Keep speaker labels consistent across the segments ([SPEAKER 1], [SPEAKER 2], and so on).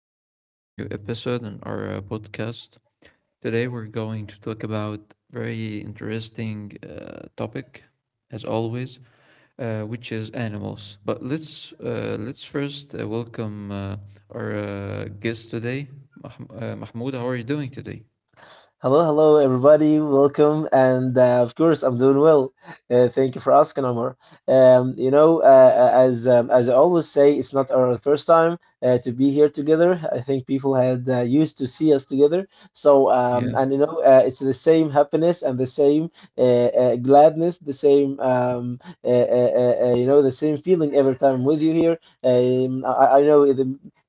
[SPEAKER 1] welcome to a new episode in our podcast. Today, we're going to talk about very interesting topic, as always, which is animals. But let's first welcome our guest today, Mahmoud. How are you doing today?
[SPEAKER 2] Hello, hello, everybody. Welcome. And of course, I'm doing well. Thank you for asking, Amar. As I always say, it's not our first time to be here together. I think people had used to see us together. So,
[SPEAKER 1] Yeah,
[SPEAKER 2] um, and you know, uh, it's the same happiness and the same uh, gladness, the same, the same feeling every time I'm with you here. I know it,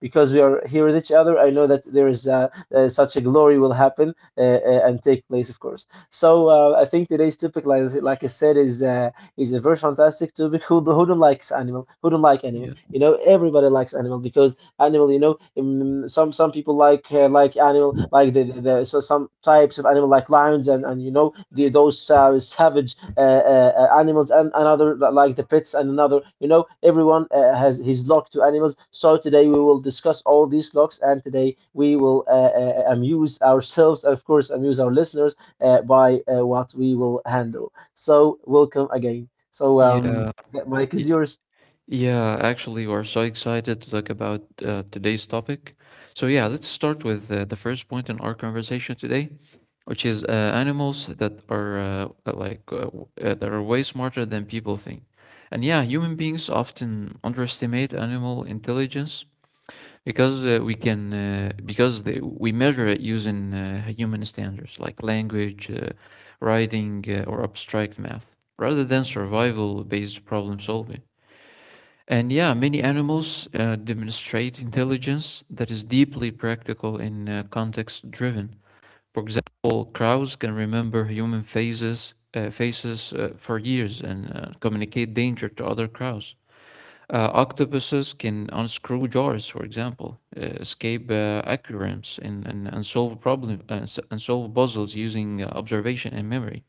[SPEAKER 2] because we are here with each other. I know that there is such a glory will happen and take place, of course. So I think today's topic, like I said, is a very fantastic topic. Who don't likes animal? Who don't like
[SPEAKER 1] yeah,
[SPEAKER 2] animal? You know, everybody likes animal because animal, you know, some people like animal like the some types of animal like lions and you know the those savage animals and another like the pets and another, you know, everyone has his lock to animals. So today we will discuss all these locks, and today we will amuse ourselves and of course amuse our listeners by what we will handle. So welcome again. So
[SPEAKER 1] yeah,
[SPEAKER 2] the mic is
[SPEAKER 1] yeah.
[SPEAKER 2] yours.
[SPEAKER 1] Yeah, actually, we're so excited to talk about today's topic. So, yeah, let's start with the first point in our conversation today which is animals that are that are way smarter than people think. And yeah, human beings often underestimate animal intelligence because we can because they, we measure it using human standards like language, writing, or abstract math, rather than survival-based problem solving. And yeah, many animals demonstrate intelligence that is deeply practical and context-driven for example, crows can remember human faces, for years and communicate danger to other crows. Octopuses can unscrew jars, for example, escape aquariums, and solve and solve puzzles using observation and memory.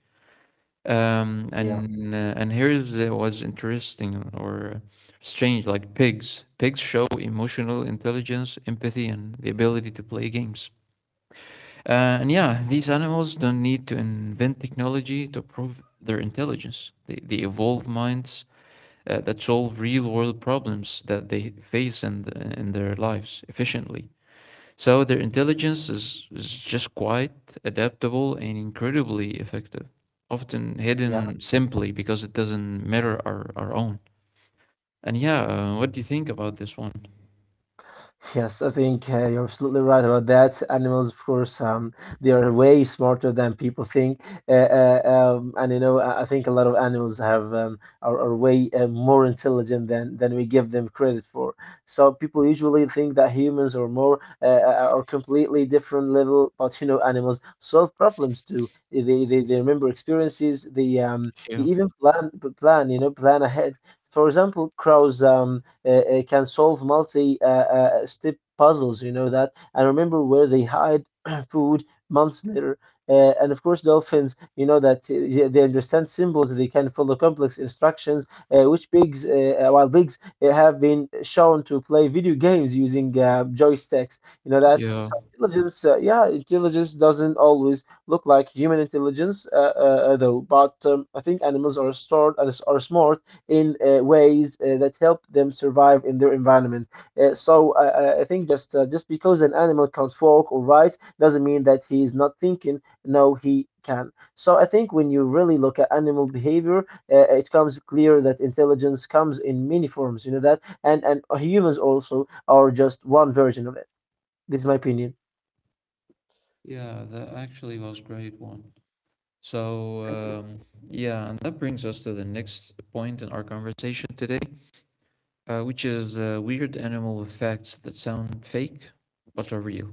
[SPEAKER 1] Um,
[SPEAKER 2] Yeah.
[SPEAKER 1] and uh, and here there was interesting or strange, like pigs. Pigs show emotional intelligence, empathy, and the ability to play games. And yeah, these animals don't need to invent technology to prove their intelligence. They evolve minds that solve real world problems that they face in their lives efficiently. So their intelligence is just quite adaptable and incredibly effective, often hidden simply because it doesn't mirror our own. And yeah, what do you think about this one?
[SPEAKER 2] Yes, I think you're absolutely right about that. Animals, of course, they are way smarter than people think, and you know, I think a lot of animals are way more intelligent than we give them credit for. So people usually think that humans are more are completely different level, but you know, animals solve problems too. They remember experiences. They
[SPEAKER 1] Yeah.
[SPEAKER 2] even plan, plan ahead. For example, crows can solve multi step puzzles. You know that. And remember where they hide food months later. And of course, dolphins, you know that, yeah, they understand symbols, they can follow complex instructions, which pigs, wild pigs, have been shown to play video games using joysticks. You know that?
[SPEAKER 1] Yeah.
[SPEAKER 2] So intelligence, yeah, intelligence doesn't always look like human intelligence, though, but I think animals are stored and are smart in ways that help them survive in their environment. So I think just because an animal can't walk or write doesn't mean that he is not thinking. No, he can. So I think when you really look at animal behavior, it comes clear that intelligence comes in many forms. You know that, and humans also are just one version of it. This is my opinion.
[SPEAKER 1] Yeah, that actually was great one. So, yeah, and that brings us to the next point in our conversation today, which is weird animal effects that sound fake but are real.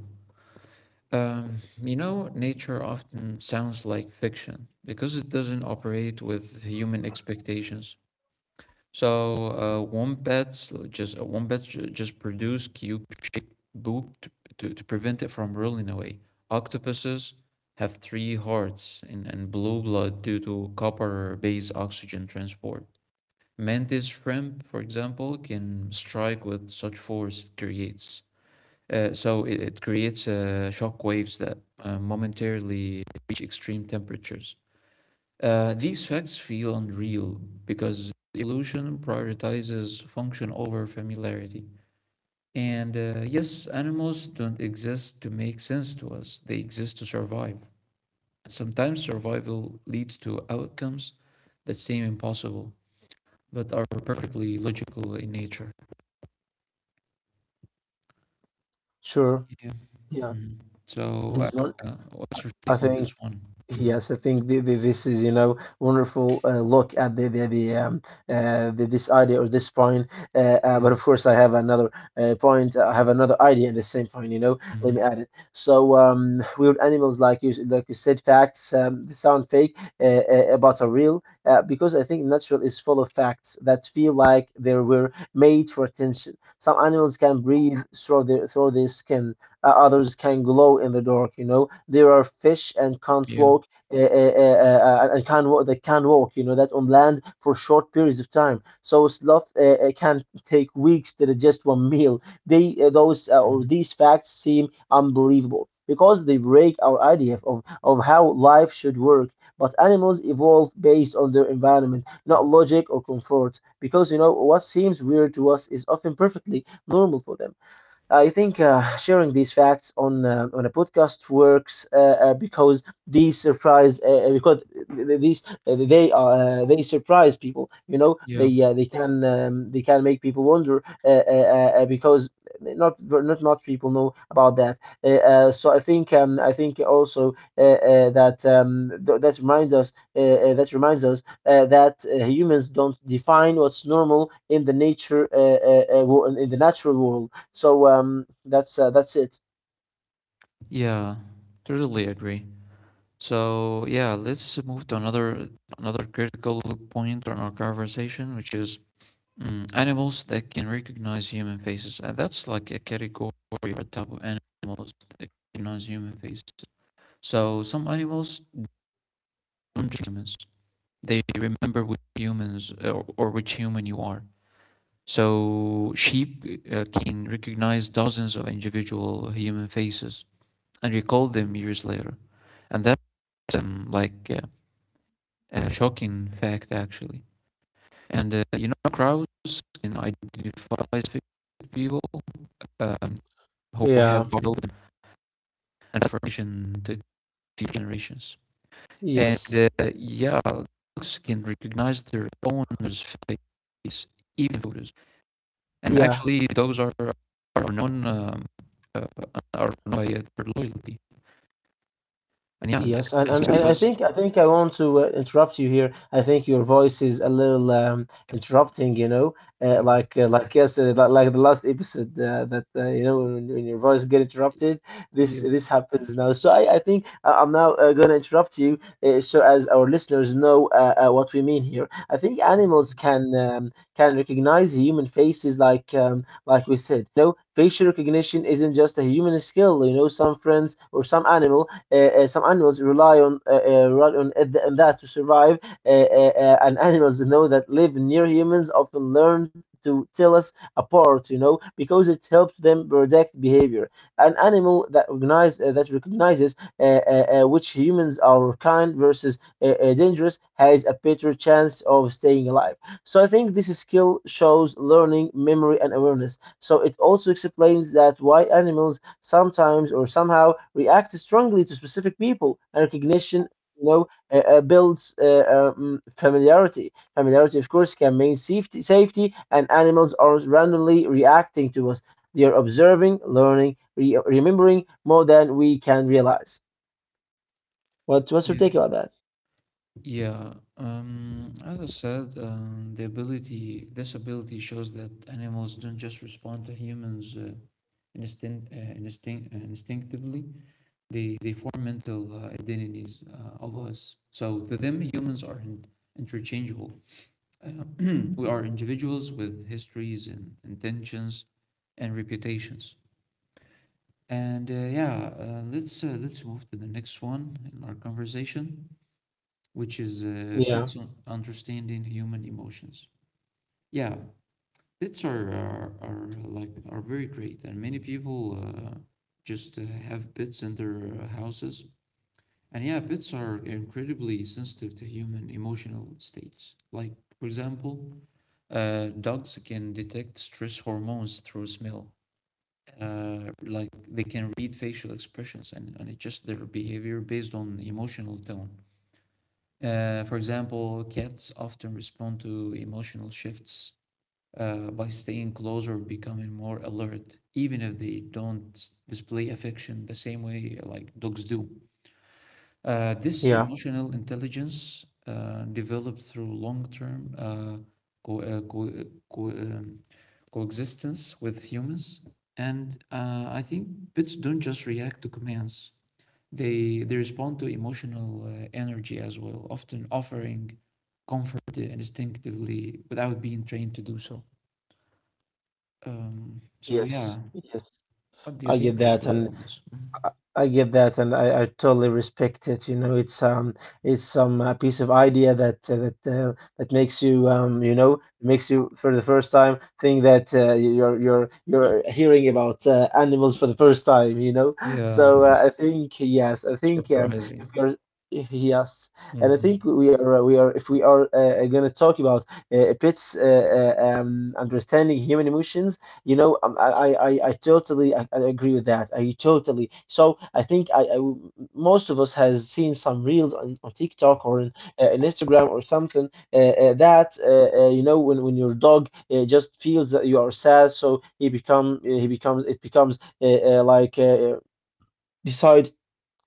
[SPEAKER 1] Um, you know, nature often sounds like fiction because it doesn't operate with human expectations. So wombats just produce cube-shaped boob to prevent it from rolling away. Octopuses have three hearts and blue blood due to copper-based oxygen transport. Mantis shrimp, for example, can strike with such force it creates. It creates shock waves that momentarily reach extreme temperatures. These facts feel unreal because evolution prioritizes function over familiarity. And yes, animals don't exist to make sense to us, they exist to survive. And sometimes survival leads to outcomes that seem impossible but are perfectly logical in nature.
[SPEAKER 2] Sure.
[SPEAKER 1] Yeah.
[SPEAKER 2] Yeah.
[SPEAKER 1] Mhm. So,
[SPEAKER 2] Mhm.
[SPEAKER 1] what's your
[SPEAKER 2] I
[SPEAKER 1] take on this
[SPEAKER 2] think
[SPEAKER 1] one? Mhm.
[SPEAKER 2] Yes, I think the, this is, you know, wonderful look at the this idea or this point. Uh, uh,
[SPEAKER 1] Yeah.
[SPEAKER 2] but of course, I have another point. I have another idea and the same point. You know, let
[SPEAKER 1] Mhm.
[SPEAKER 2] me add it. So, weird animals, like you, like you said, facts. They sound fake, but are real. Because I think natural is full of facts that feel like they were made for attention. Some animals can breathe through their skin, others can glow in the dark. You know, there are fish and can't
[SPEAKER 1] Yeah.
[SPEAKER 2] walk, and can walk. They can walk. You know that, on land for short periods of time. So sloth can take weeks to digest one meal. They those or
[SPEAKER 1] Mhm.
[SPEAKER 2] These facts seem unbelievable because they break our idea of how life should work. But animals evolve based on their environment, not logic or comfort. Because, you know, what seems weird to us is often perfectly normal for them. I think sharing these facts on a podcast works because these surprise because these they are they surprise people. You know,
[SPEAKER 1] Yeah.
[SPEAKER 2] they can, they can make people wonder because not, not much people know about that. So I think, I think also that reminds us that humans don't define what's normal in the nature, in the natural world. So that's it.
[SPEAKER 1] Yeah. Totally agree. So yeah, let's move to another another critical point on our conversation, which is animals that can recognize human faces, and that's like a category or a type of animals that recognize human faces. So some animals don't just humans; they remember which humans or which human you are. So sheep can recognize dozens of individual human faces and recall them years later, and that's um, like uh, a shocking fact actually. And you know, Krauss can identify specific people um, who have
[SPEAKER 2] Yeah,
[SPEAKER 1] developed and information to future generations. And
[SPEAKER 2] yes,
[SPEAKER 1] yeah, dogs can recognize their owner's face, even photos. And
[SPEAKER 2] yeah.
[SPEAKER 1] actually, dogs are known um, uh, are known by their loyalty. And yeah, that
[SPEAKER 2] Yes, and,
[SPEAKER 1] is
[SPEAKER 2] and,
[SPEAKER 1] But
[SPEAKER 2] and I
[SPEAKER 1] because
[SPEAKER 2] think I think I want to interrupt you here. I think your voice is a little interrupting, you know,
[SPEAKER 1] Yeah,
[SPEAKER 2] like the last episode that you know, when your voice get interrupted. This
[SPEAKER 1] yeah,
[SPEAKER 2] this happens now. So I think, I'm now gonna interrupt you, so as our listeners know what we mean here. I think animals
[SPEAKER 1] okay.
[SPEAKER 2] can, can recognize human faces, like, like we said. You know, facial recognition isn't just a human skill. You know, some friends or some animals, some animals rely on rely on that to survive, and animals, you know, that live near humans often learn to tell us apart, you know, because it helps them predict behavior. An animal that recognizes which humans are kind versus dangerous has a better chance of staying alive. So I think this skill shows learning, memory, and awareness. So it also explains that why animals sometimes or somehow react strongly to specific people. And recognition, you know, builds, familiarity. Familiarity, of course, can mean safety. Safety. And animals are randomly reacting to us. They are observing, learning, remembering more than we can realize. What, what's your
[SPEAKER 1] Yeah.
[SPEAKER 2] take about that?
[SPEAKER 1] Yeah, as I said, this ability shows that animals don't just respond to humans instinctively. They form mental identities of us. So to them, humans are not interchangeable. Uh, we are individuals with histories and intentions and reputations. And yeah, let's move to the next one in our conversation which is
[SPEAKER 2] Yeah,
[SPEAKER 1] Pitt's on understanding human emotions. Yeah, Pitts are like are very great, and many people just have Pitts in their houses. And yeah, Pitts are incredibly sensitive to human emotional states. Like for example, dogs can detect stress hormones through smell. Like they can read facial expressions and adjust their behavior based on emotional tone. For example, cats often respond to emotional shifts by staying close or becoming more alert, even if they don't display affection the same way like dogs do. This
[SPEAKER 2] yeah,
[SPEAKER 1] emotional intelligence developed through long-term co- uh, co- uh, co- um, coexistence with humans, and I think pets don't just react to commands. They respond to emotional energy as well, often offering comfort instinctively without being trained to do so. So yeah,
[SPEAKER 2] yes, yes,
[SPEAKER 1] what do you
[SPEAKER 2] i get
[SPEAKER 1] think of
[SPEAKER 2] that
[SPEAKER 1] the
[SPEAKER 2] and
[SPEAKER 1] of this?
[SPEAKER 2] I get that, and I totally respect it. You know, it's some piece of idea that that makes you, you know, makes you for the first time think that you're hearing about animals for the first time. You know,
[SPEAKER 1] Yeah,
[SPEAKER 2] so I think yes, I think, if
[SPEAKER 1] surprising.
[SPEAKER 2] you're yes, and I
[SPEAKER 1] Mm-hmm.
[SPEAKER 2] think we are we are, if we are going to talk about pets understanding human emotions, you know, I agree with that. I totally. So I think I Most of us has seen some reels on TikTok or in Instagram or something, that you know, when your dog just feels that you are sad, so he become he becomes it becomes, like, uh, beside,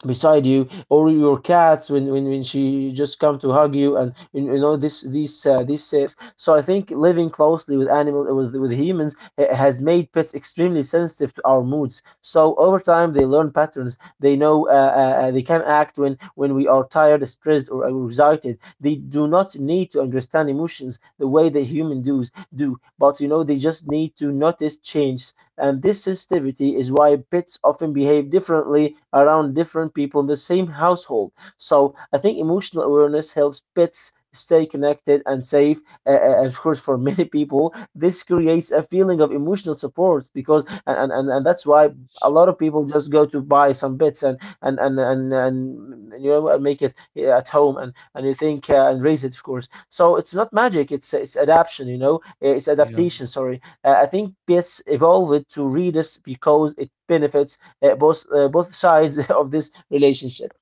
[SPEAKER 2] beside you, or your cats when she just come to hug you and you, you know this, these, these sets. So I think living closely with animals, with humans, has made pets extremely sensitive to our moods. So over time they learn patterns, they know, they can act when we are tired, stressed, or excited. They do not need to understand emotions the way the human does do, but you know, they just need to notice change. And this sensitivity is why pets often behave differently around different people in the same household. So I think emotional awareness helps pets stay connected and safe. Of course, for many people, this creates a feeling of emotional support because, and that's why. A
[SPEAKER 1] Yes.
[SPEAKER 2] lot of people just go to buy some bits and, you know, and make it at home and you think and raise it, of course. So it's not magic. It's adaptation. You know, eh, it's
[SPEAKER 1] Yeah.
[SPEAKER 2] adaptation. Sorry. I think PETS evolved to readers because it benefits both both sides of this relationship.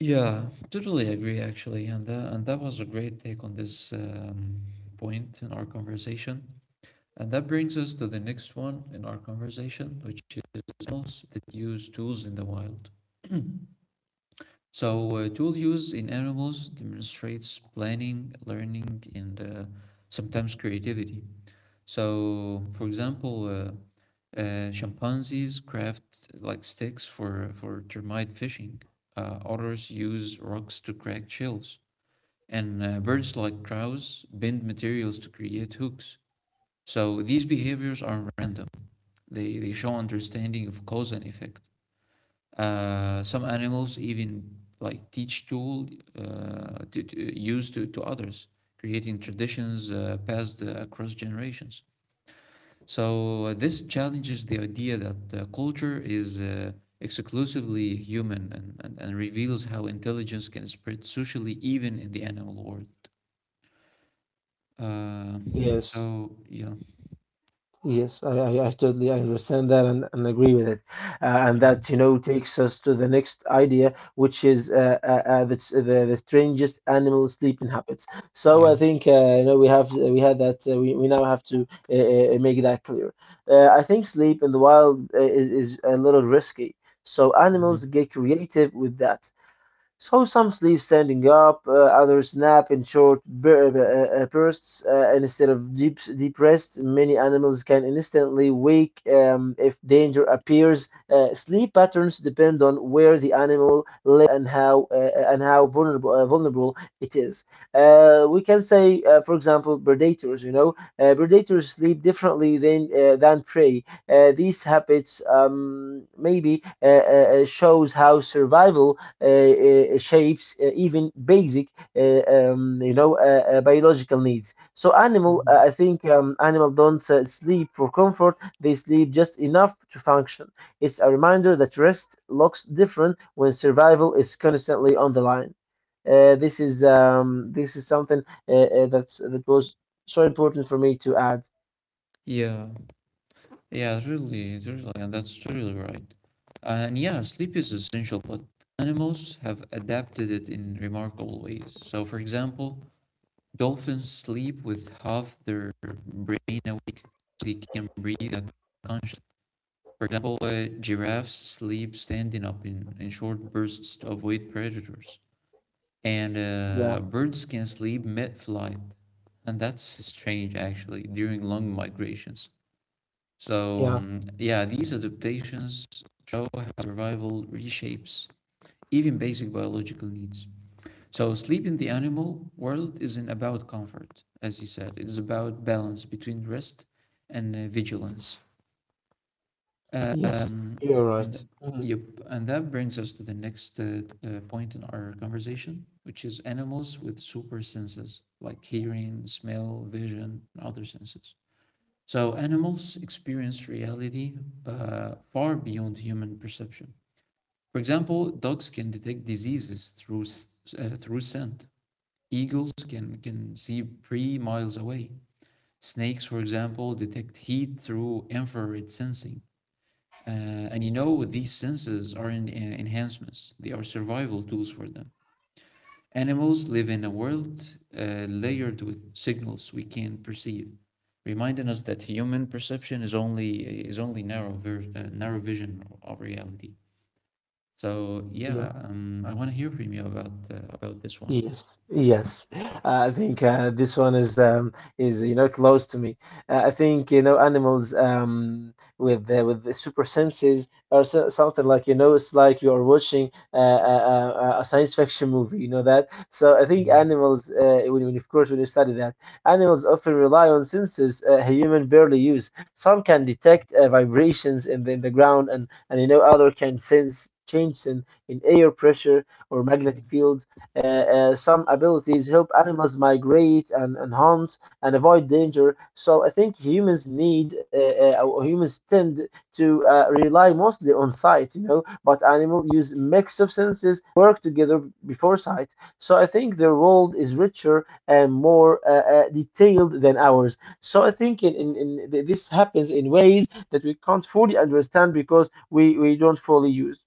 [SPEAKER 1] Yeah, totally agree actually, and that was a great take on this point in our conversation. And that brings us to the next one in our conversation, which is animals that use tools in the wild. So, tool use in animals demonstrates planning, learning, and sometimes creativity. So, for example, chimpanzees craft like sticks for termite fishing. Otters use rocks to crack shells, and birds like crows bend materials to create hooks. So, these behaviors aren't random; they show understanding of cause and effect. Some animals even like teach tool to to others, creating traditions passed across generations. So this challenges the idea that culture is exclusively human and reveals how intelligence can spread socially even in the animal world. Uh,
[SPEAKER 2] Yes.
[SPEAKER 1] so yeah,
[SPEAKER 2] Yes, I totally understand that and agree with it. And that, you know, takes us to the next idea, which is the strangest animal sleeping habits. So I
[SPEAKER 1] yeah.
[SPEAKER 2] think, you know, we now have to make that clear. I think sleep in the wild is a little risky. So animals
[SPEAKER 1] Hmm.
[SPEAKER 2] get creative with that. So some sleep standing up, others nap in short bursts, instead of deep, deep rest. Many animals can instantly wake if danger appears. Sleep patterns depend on where the animal lives and how vulnerable vulnerable it is. We can say, for example, predators. You know, predators sleep differently than than prey. These habits maybe shows how survival uh, shapes, even basic, biological needs. So animal,
[SPEAKER 1] Hmm.
[SPEAKER 2] I think animal don't sleep for comfort. They sleep just enough to function. It's a reminder that rest looks different when survival is constantly on the line. This is this is something that was so important for me to add.
[SPEAKER 1] Yeah, Yeah, really, and that's really right. And yeah, sleep is essential, but animals have adapted it in remarkable ways. So, for example, dolphins sleep with half their brain awake, so they can breathe unconsciously. For example, giraffes sleep standing up in short bursts to avoid predators. And
[SPEAKER 2] Yeah,
[SPEAKER 1] birds can sleep mid-flight, and that's strange actually, during long migrations. So,
[SPEAKER 2] yeah,
[SPEAKER 1] yeah, these adaptations show how survival reshapes even basic biological needs. So, sleep in the animal world isn't about comfort, as you said, it's about balance between rest and vigilance. Um,
[SPEAKER 2] yes, you're
[SPEAKER 1] and
[SPEAKER 2] right.
[SPEAKER 1] th-
[SPEAKER 2] Mhm.
[SPEAKER 1] yep, and that brings us to the next point in our conversation, which is animals with super senses like hearing, smell, vision, and other senses. So animals experience reality far beyond human perception. For example, dogs can detect diseases through through scent. Eagles can see 3 miles away. Snakes, for example, detect heat through infrared sensing. And you know, these senses are enhancements. They are survival tools for them. Animals live in a world layered with signals we can perceive, reminding us that human perception is only narrow vision of reality. So
[SPEAKER 2] Yeah.
[SPEAKER 1] yeah, I want to hear from you about this one.
[SPEAKER 2] Yes, yes. I think this one is is, you know, close to me. I think, you know, animals, with the super senses or so, something like, you know, it's like you are watching a science fiction movie. You know that. So I think
[SPEAKER 1] Mhm.
[SPEAKER 2] animals, when of course when you study that, animals often rely on senses human barely use. Some can detect vibrations in in the ground, and you know other can sense changes in air pressure or
[SPEAKER 1] Yeah,
[SPEAKER 2] magnetic fields. Some abilities help animals migrate and hunt and avoid danger. So I think humans need, or humans tend to rely mostly on sight, you know, but animals use mix of senses, work together before sight. So I think their world is richer and more detailed than ours. So I think this happens in ways that we can't fully understand because we don't fully use.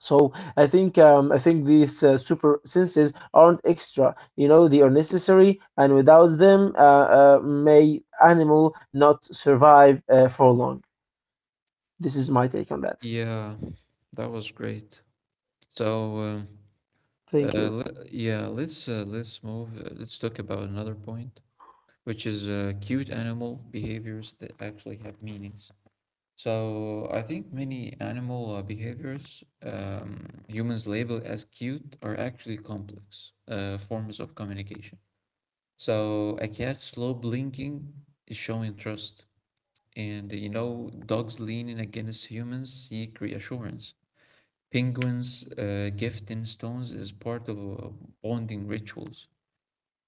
[SPEAKER 2] So I think these super senses aren't extra. You know, they are necessary, and without them, may animal not survive for long. This is my take on that.
[SPEAKER 1] yeah, that was great. So um,
[SPEAKER 2] Thank you.
[SPEAKER 1] yeah, let's move. Let's talk about another point, which is cute animal behaviors that actually have meanings. So I think many animal behaviors humans label as cute are actually complex forms of communication. So a cat's slow blinking is showing trust, and you know dogs leaning against humans seek reassurance. Penguins gifting stones is part of bonding rituals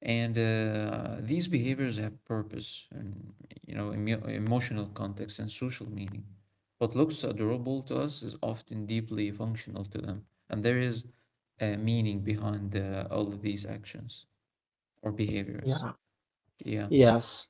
[SPEAKER 1] and these behaviors have purpose and you know emotional context and social meaning what looks adorable to us is often deeply functional to them and there is a meaning behind all of these actions or behaviors
[SPEAKER 2] Yeah.
[SPEAKER 1] yeah
[SPEAKER 2] Yes.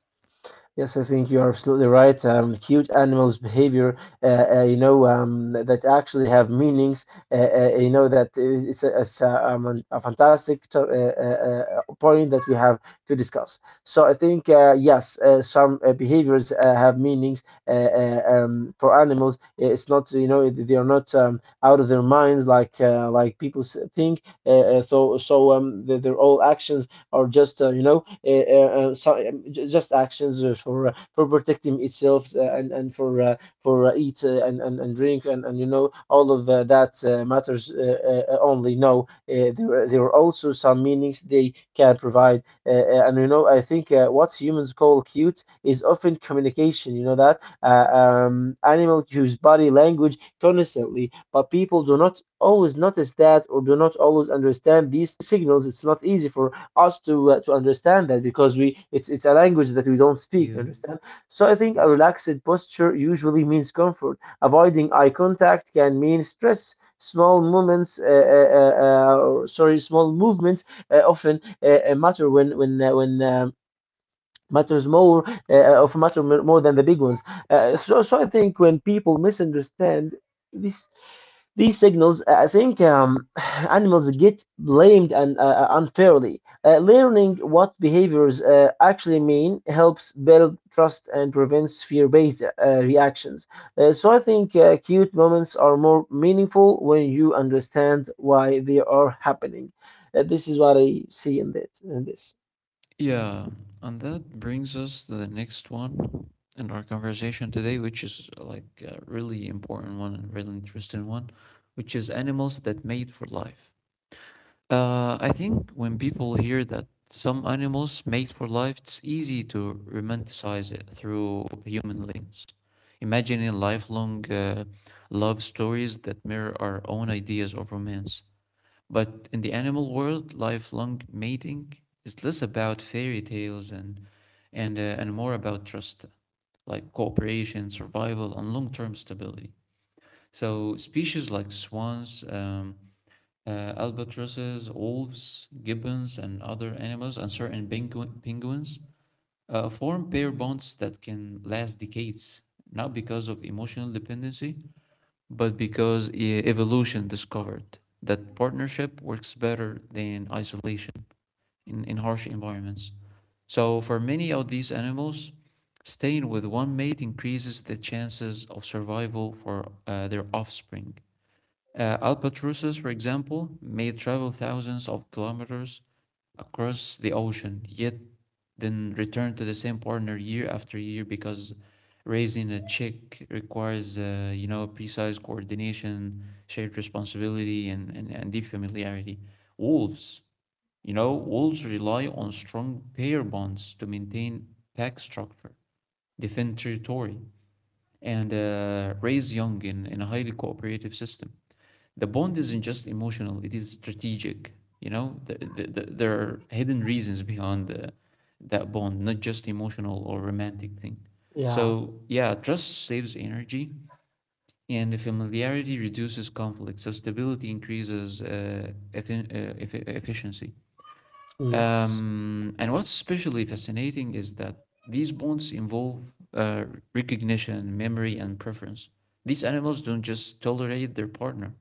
[SPEAKER 2] Yes, I think you're absolutely right. Cute animals' behavior, that actually have meanings. You know that is- it's a fantastic point that we have to discuss. So I think, yes, some behaviors have meanings for animals. It's not, you know, they are not out of their minds like people think. So their all actions or just, you know, just actions for protecting itself and for eat, and drink and you know all of that matters only no there there are also some meanings they can provide. And you know, I think, what humans call cute is often communication. You know that. Animal use body language constantly, but people do not always notice that or do not always understand these signals. It's not easy for us to understand that because we it's a language that we don't speak. You
[SPEAKER 1] yeah
[SPEAKER 2] understand? So I think a
[SPEAKER 1] yes.
[SPEAKER 2] relaxed posture usually means comfort. Avoiding eye contact can mean stress. Small moments, or, sorry, small movements often matter when when. Matters more of matter more than the big ones. So I think when people misunderstand this these signals, I think, animals get blamed and unfairly. Learning what behaviors actually mean helps build trust and prevents fear-based reactions. So I think cute moments are more meaningful when you understand why they are happening. This is what I see in this.
[SPEAKER 1] Yeah and that brings us to the next one in our conversation today which is like a really important one and really interesting one which is animals that mate for life. I think when people hear that some animals mate for life, it's easy to romanticize it through human lens, imagining lifelong love stories that mirror our own ideas of romance. But in the animal world, lifelong mating is less about fairy tales and more about trust, like cooperation, survival, and long-term stability. So species like swans. Albatrosses, wolves, gibbons, and other animals, and certain penguins, form pair bonds that can last decades, not because of emotional dependency, but because evolution discovered that partnership works better than isolation in harsh environments. So, for many of these animals, staying with one mate increases the chances of survival for their offspring. Albatrosses, for example, may travel thousands of kilometers across the ocean, yet then return to the same partner year after year because raising a chick requires, you know, precise coordination, shared responsibility, and deep familiarity. Wolves, you know, wolves rely on strong pair bonds to maintain pack structure, defend territory, and raise young in a highly cooperative system. The bond isn't just emotional; it is strategic. You know, there are hidden reasons behind that bond, not just emotional or romantic thing.
[SPEAKER 2] Yeah.
[SPEAKER 1] So yeah, trust saves energy, and the familiarity reduces conflict. So stability increases efficiency.
[SPEAKER 2] Yes.
[SPEAKER 1] And what's especially fascinating is that these bonds involve recognition, memory, and preference. These animals don't just tolerate their partner,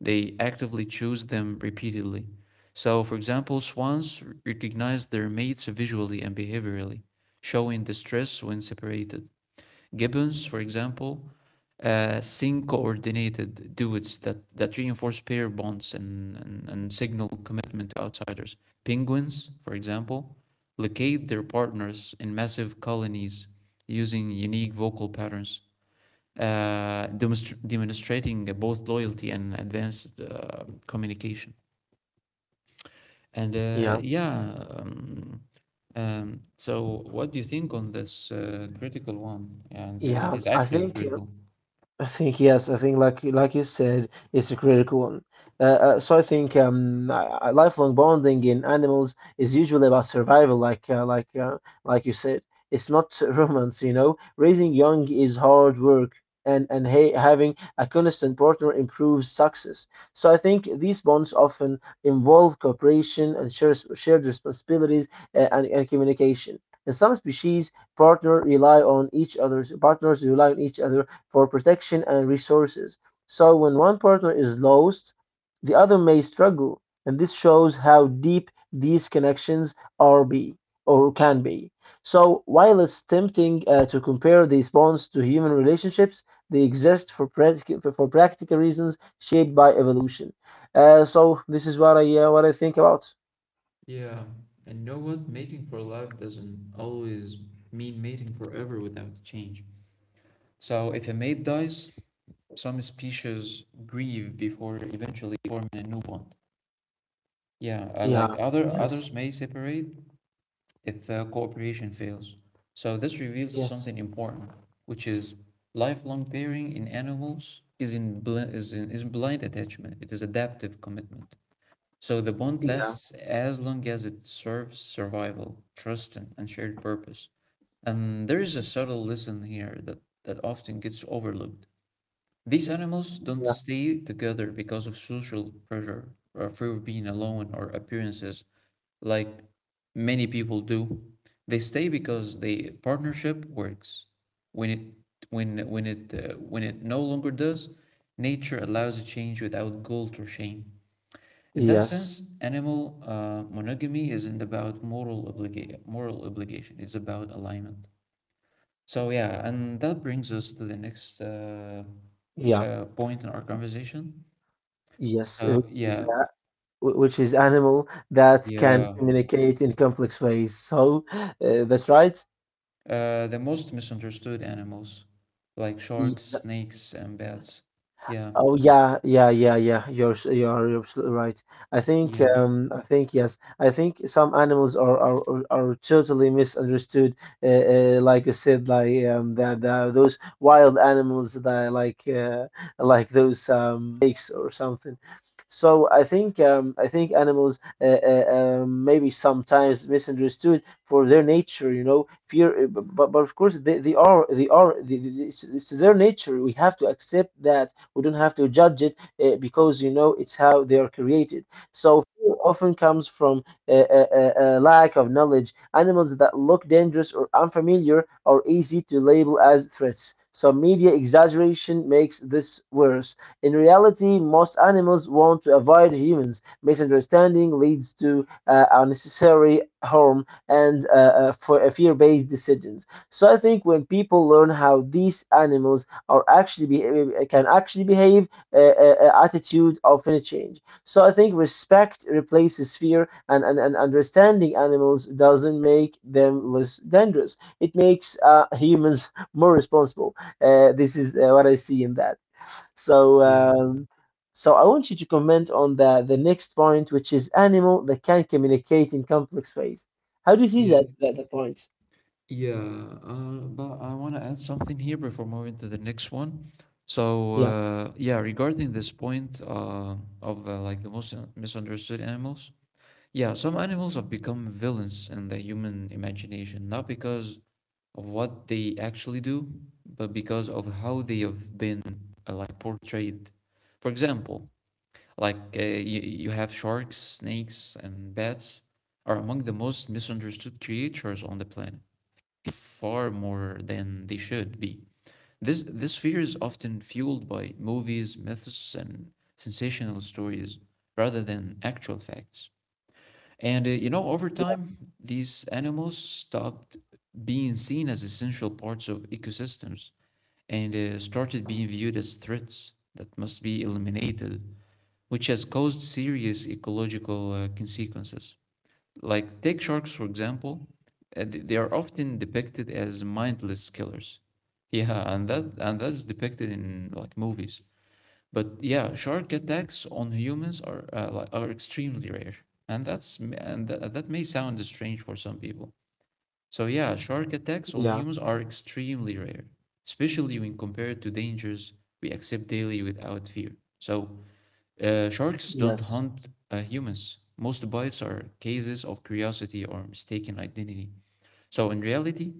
[SPEAKER 1] they actively choose them repeatedly. So, for example, swans recognize their mates visually and behaviorally, showing distress when separated. Gibbons, for example, sync-coordinated duets that reinforce pair bonds and, and signal commitment to outsiders. Penguins, for example, locate their partners in massive colonies using unique vocal patterns, demonstrating both loyalty and advanced communication. And
[SPEAKER 2] Yeah.
[SPEAKER 1] so what do you think on this critical one? And it is
[SPEAKER 2] Yeah. I
[SPEAKER 1] actually
[SPEAKER 2] think.
[SPEAKER 1] critical.
[SPEAKER 2] I think, yes, I think like you said, it's a critical one. So I think Lifelong bonding in animals is usually about survival, like like you said. It's not romance, you know. Raising young is hard work, and ha having a constant partner improves success. So I think these bonds often involve cooperation and shared responsibilities and communication. In some species, partners rely on each other for protection and resources. So when one partner is lost, the other may struggle, and this shows how deep these connections are be or can be. So while it's tempting to compare these bonds to human relationships, they exist for practical reasons shaped by evolution. So this is what I think about.
[SPEAKER 1] Yeah, and you know what? Mating for life doesn't always mean mating forever without change. So if a mate dies, some species grieve before eventually forming a new bond. Yeah,
[SPEAKER 2] Yeah.
[SPEAKER 1] like other
[SPEAKER 2] Yes.
[SPEAKER 1] others may separate if cooperation fails. So this reveals
[SPEAKER 2] Yes.
[SPEAKER 1] something important, which is lifelong pairing in animals is in bl is in, is blind attachment. It is adaptive commitment. So the bond
[SPEAKER 2] Yeah.
[SPEAKER 1] lasts as long as it serves survival, trust, and shared purpose. And there is a subtle lesson here that often gets overlooked. These animals don't
[SPEAKER 2] Yeah.
[SPEAKER 1] stay together because of social pressure or fear of being alone or appearances like many people do. They stay because the partnership works. When it when it no longer does, nature allows a change without guilt or shame. In that
[SPEAKER 2] Yes.
[SPEAKER 1] sense, animal monogamy isn't about moral obligation. It's about alignment. So yeah, and that brings us to the next
[SPEAKER 2] Yeah.
[SPEAKER 1] point in our conversation.
[SPEAKER 2] Yes.
[SPEAKER 1] Uh,
[SPEAKER 2] It is.
[SPEAKER 1] yeah,
[SPEAKER 2] Which is animal that can
[SPEAKER 1] yeah.
[SPEAKER 2] communicate in complex ways. So that's right.
[SPEAKER 1] The most misunderstood animals, like sharks, snakes, and bats. Yeah,
[SPEAKER 2] Oh yeah, yeah, yeah, yeah. You're absolutely right. I think
[SPEAKER 1] yeah,
[SPEAKER 2] I think, yes. I think some animals are totally misunderstood. Like you said, like that the those wild animals that, like, those lakes or something. So I think animals maybe sometimes misunderstood for their nature. You know, fear. But of course they are they are they- it's their nature. We have to accept that. We don't have to judge it, because you know it's how they are created. So fear often comes from a lack of knowledge. Animals that look dangerous or unfamiliar are easy to label as threats. Some media exaggeration makes this worse. In reality, most animals want to avoid humans. Misunderstanding leads to unnecessary harm and for fear-based decisions. So I think when people learn how these animals or actually be can actually behave, attitude of any change. So I think respect replaces fear, and understanding animals doesn't make them less dangerous. It makes humans more responsible. This is what I see in that. So
[SPEAKER 1] yeah,
[SPEAKER 2] I want you to comment on the next point, which is animal that can communicate in complex ways. How do you see
[SPEAKER 1] yeah.
[SPEAKER 2] that the point?
[SPEAKER 1] Yeah, but I want to add something here before moving to the next one. So,
[SPEAKER 2] Yeah,
[SPEAKER 1] yeah, regarding this point of like the most misunderstood animals, yeah, some animals have become villains in the human imagination, not because of what they actually do, but because of how they have been like portrayed. For example, you, you have sharks, snakes, and bats are among the most misunderstood creatures on the planet, far more than they should be. This fear is often fueled by movies, myths, and sensational stories rather than actual facts. And you know, over
[SPEAKER 2] yeah,
[SPEAKER 1] time, these animals stopped being seen as essential parts of ecosystems and started being viewed as threats that must be eliminated, which has caused serious ecological consequences. Like, take sharks, for example. They are often depicted as mindless killers. Yeah, and that's depicted in like movies. But yeah, shark attacks on humans are like, are extremely rare, and that's m- and tha- that may sound strange for some people. So yeah, shark attacks on
[SPEAKER 2] yeah.
[SPEAKER 1] humans are extremely rare, especially when compared to dangers we accept daily without fear. So sharks don't
[SPEAKER 2] Yes.
[SPEAKER 1] hunt humans. Most bites are cases of curiosity or mistaken identity. So, in reality,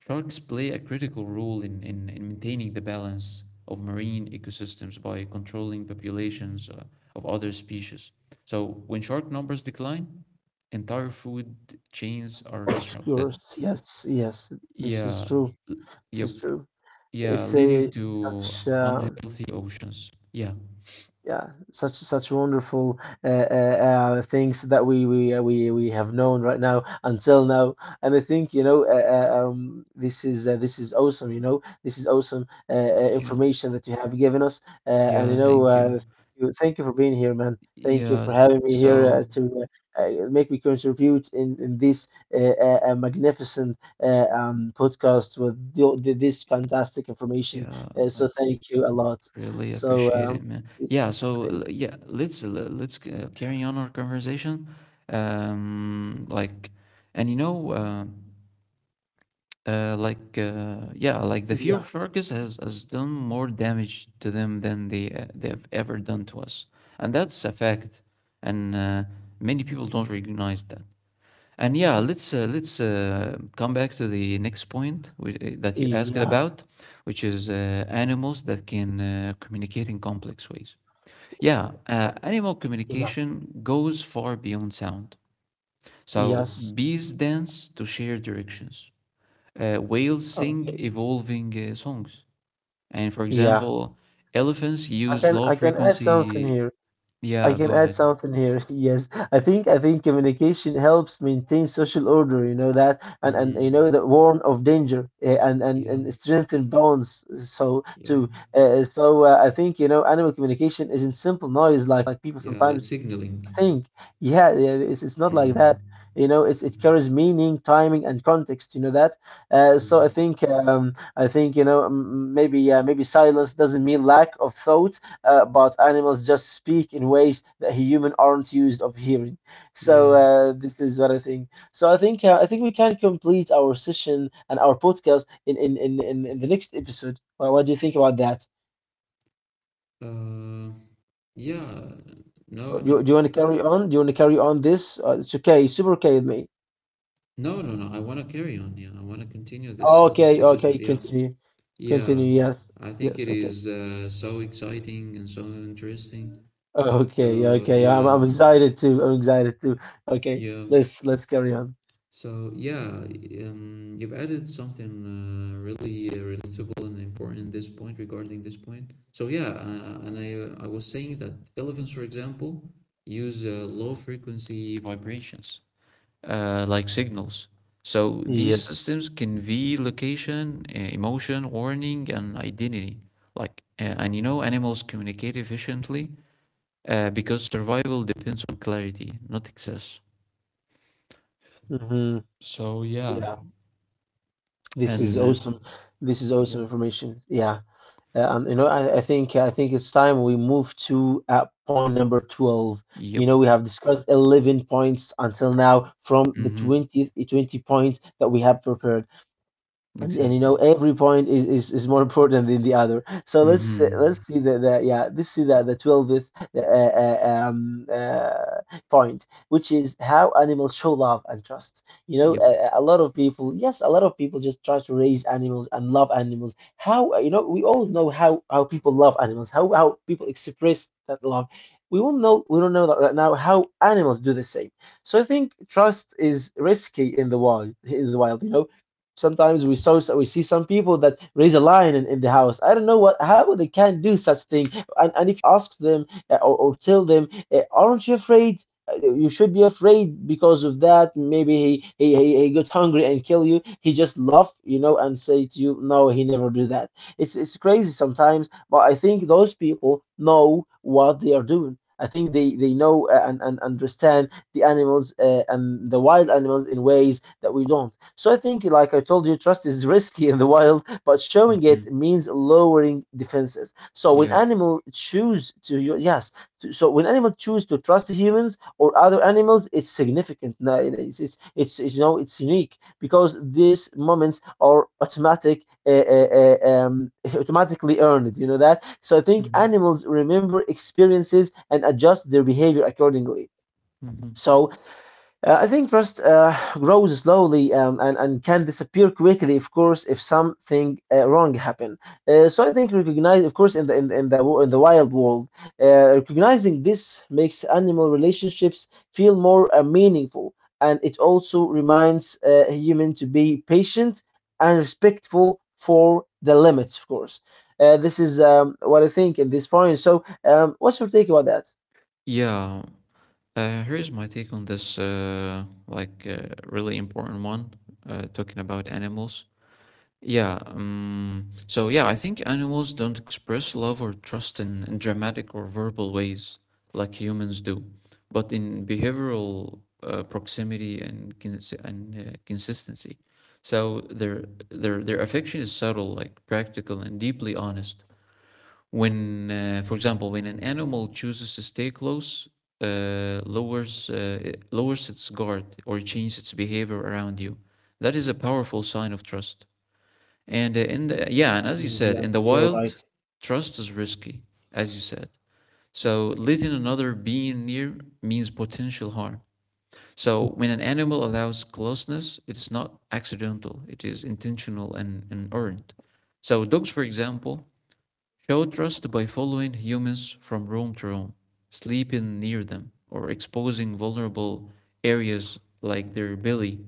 [SPEAKER 1] sharks play a critical role in, in maintaining the balance of marine ecosystems by controlling populations of other species. So, when shark numbers decline, entire food chains are disrupted.
[SPEAKER 2] Yours, yes, yes, this is
[SPEAKER 1] Yeah,
[SPEAKER 2] true. This
[SPEAKER 1] yep,
[SPEAKER 2] is true.
[SPEAKER 1] yeah,
[SPEAKER 2] It's
[SPEAKER 1] leading
[SPEAKER 2] a
[SPEAKER 1] to
[SPEAKER 2] such a
[SPEAKER 1] unhealthy oceans. Yeah,
[SPEAKER 2] yeah, such such wonderful uh, uh, things that we have known right now until now, and I think, you know, this is awesome. You know, this is awesome
[SPEAKER 1] yeah,
[SPEAKER 2] information that you have given us, uh, and
[SPEAKER 1] yeah,
[SPEAKER 2] you know,
[SPEAKER 1] thank you.
[SPEAKER 2] uh, you- thank you for being here, man. Thank you
[SPEAKER 1] Yeah,
[SPEAKER 2] for having me here
[SPEAKER 1] so.
[SPEAKER 2] to make me contribute in this magnificent podcast with this fantastic information.
[SPEAKER 1] Yeah,
[SPEAKER 2] So
[SPEAKER 1] I
[SPEAKER 2] thank you a lot.
[SPEAKER 1] really
[SPEAKER 2] So.
[SPEAKER 1] appreciate it, man. Yeah, so
[SPEAKER 2] I-
[SPEAKER 1] let's carry on our conversation. Like, and you know, like, Yeah, like the fear
[SPEAKER 2] Yeah,
[SPEAKER 1] of sharks has done more damage to them than they have ever done to us, and that's a fact. And many people don't recognize that. And yeah, let's come back to the next point that you asked
[SPEAKER 2] yeah,
[SPEAKER 1] about, which is animals that can communicate in complex ways. Yeah, animal
[SPEAKER 2] yeah,
[SPEAKER 1] communication goes far beyond sound. So
[SPEAKER 2] yes.
[SPEAKER 1] bees dance to share directions. Whales sing
[SPEAKER 2] Okay,
[SPEAKER 1] evolving songs, and for
[SPEAKER 2] yeah.
[SPEAKER 1] example, elephants
[SPEAKER 2] I
[SPEAKER 1] use
[SPEAKER 2] can
[SPEAKER 1] low
[SPEAKER 2] add something
[SPEAKER 1] frequency.
[SPEAKER 2] here. I
[SPEAKER 1] Yeah,
[SPEAKER 2] can
[SPEAKER 1] go
[SPEAKER 2] add
[SPEAKER 1] ahead.
[SPEAKER 2] something here. Yes, I think communication helps maintain social order. You know that, and you
[SPEAKER 1] Mm-hmm.
[SPEAKER 2] know the warn of danger eh, and and
[SPEAKER 1] Yeah,
[SPEAKER 2] and strengthen bonds. So
[SPEAKER 1] yeah,
[SPEAKER 2] too. I think you know animal communication isn't simple noise like people
[SPEAKER 1] yeah, like
[SPEAKER 2] sometimes
[SPEAKER 1] signaling.
[SPEAKER 2] think. Yeah, yeah, it's not like
[SPEAKER 1] Mm-hmm.
[SPEAKER 2] that. You know, it carries meaning, timing, and context. You know that. I
[SPEAKER 1] Mhm.
[SPEAKER 2] think I think, you know, maybe silence doesn't mean lack of thought, but animals just speak in ways that humans aren't used of hearing. So
[SPEAKER 1] Yeah.
[SPEAKER 2] this is what I think. So I think, I think we can complete our session and our podcast in the next episode. Well, what do you think about that?
[SPEAKER 1] Uh, yeah. No,
[SPEAKER 2] Or Do, you-
[SPEAKER 1] no,
[SPEAKER 2] do you want to carry on? Do you want to carry on this? It's okay. Super okay with me.
[SPEAKER 1] no, no, no. I want to carry on. Yeah, I want to continue this this
[SPEAKER 2] Okay, okay.
[SPEAKER 1] episode. Yeah,
[SPEAKER 2] Continue,
[SPEAKER 1] yeah.
[SPEAKER 2] continue. Yes,
[SPEAKER 1] I think
[SPEAKER 2] yes.
[SPEAKER 1] it
[SPEAKER 2] Okay.
[SPEAKER 1] is so exciting and so interesting.
[SPEAKER 2] Okay,
[SPEAKER 1] So
[SPEAKER 2] okay. I'm
[SPEAKER 1] yeah,
[SPEAKER 2] excited too. I'm excited too. Okay,
[SPEAKER 1] yeah.
[SPEAKER 2] let's carry on.
[SPEAKER 1] So yeah, you've added something really relatable and important. This point regarding this point. So yeah, and I was saying that elephants, for example, use low frequency vibrations like signals. So these
[SPEAKER 2] Yes.
[SPEAKER 1] systems convey location, emotion, warning, and identity. Like, and you know, animals communicate efficiently because survival depends on clarity, not excess.
[SPEAKER 2] Hmm.
[SPEAKER 1] So yeah,
[SPEAKER 2] Yeah, this is
[SPEAKER 1] and
[SPEAKER 2] awesome. This is awesome
[SPEAKER 1] yeah,
[SPEAKER 2] information. Yeah, and you know, I think it's time we move to point number 12. You
[SPEAKER 1] yep,
[SPEAKER 2] know, we have discussed 11 points until now from the
[SPEAKER 1] mm-hmm,
[SPEAKER 2] 20th 20 points that we have prepared. And you
[SPEAKER 1] exactly,
[SPEAKER 2] know every point is more important than the other. So let's
[SPEAKER 1] mm-hmm,
[SPEAKER 2] see the yeah let's see the 12th point, which is how animals show love and trust. You know
[SPEAKER 1] yep,
[SPEAKER 2] a lot of people, yes, a lot of people just try to raise animals and love animals. How, you know, we all know how people love animals, how people express that love. We don't know that right now how animals do the same. So I think trust is risky in the wild in the wild. Sometimes we see some people that raise a lion in the house. I don't know what how they can do such thing. And if you ask them or tell them, aren't you afraid? You should be afraid because of that. Maybe he got hungry and kill you. He just laugh, and say to you, no, he never do that. It's crazy sometimes, but I think those people know what they are doing. I think they know and understand the animals and the wild animals in ways that we don't. So I think, like I told you, trust is risky in the wild, but showing
[SPEAKER 1] mm-hmm,
[SPEAKER 2] it means lowering defenses. So when
[SPEAKER 1] yeah,
[SPEAKER 2] animal choose to you- yes, so when animal choose to trust humans or other animals, it's significant. No, it's it's unique because these moments are automatic, automatically earned. You know that. So I think
[SPEAKER 1] mm-hmm.
[SPEAKER 2] animals remember experiences and adjust their behavior accordingly.
[SPEAKER 1] Mm-hmm.
[SPEAKER 2] So I think trust grows slowly and can disappear quickly, of course, if something wrong happen. So I think recognize, of course, in the wild world, recognizing this makes animal relationships feel more meaningful, and it also reminds a human to be patient and respectful for the limits, of course. This is what I think at this point. So, what's your take about that?
[SPEAKER 1] Yeah. Here's my take on this, really important one, talking about animals. Yeah, so yeah, I think animals don't express love or trust in dramatic or verbal ways like humans do, but in behavioral proximity and consistency. So their affection is subtle, like practical and deeply honest. For example, when an animal chooses to stay close, lowers it lowers its guard or changes its behavior around you, that is a powerful sign of trust. And in the, yeah, and as you said, in
[SPEAKER 2] Yes,
[SPEAKER 1] the
[SPEAKER 2] you're
[SPEAKER 1] wild,
[SPEAKER 2] right.
[SPEAKER 1] trust is risky, as you said. So letting another being near means potential harm. So when an animal allows closeness, it's not accidental; it is intentional and earned. So dogs, for example, show trust by following humans from room to room, sleeping near them, or exposing vulnerable areas like their belly.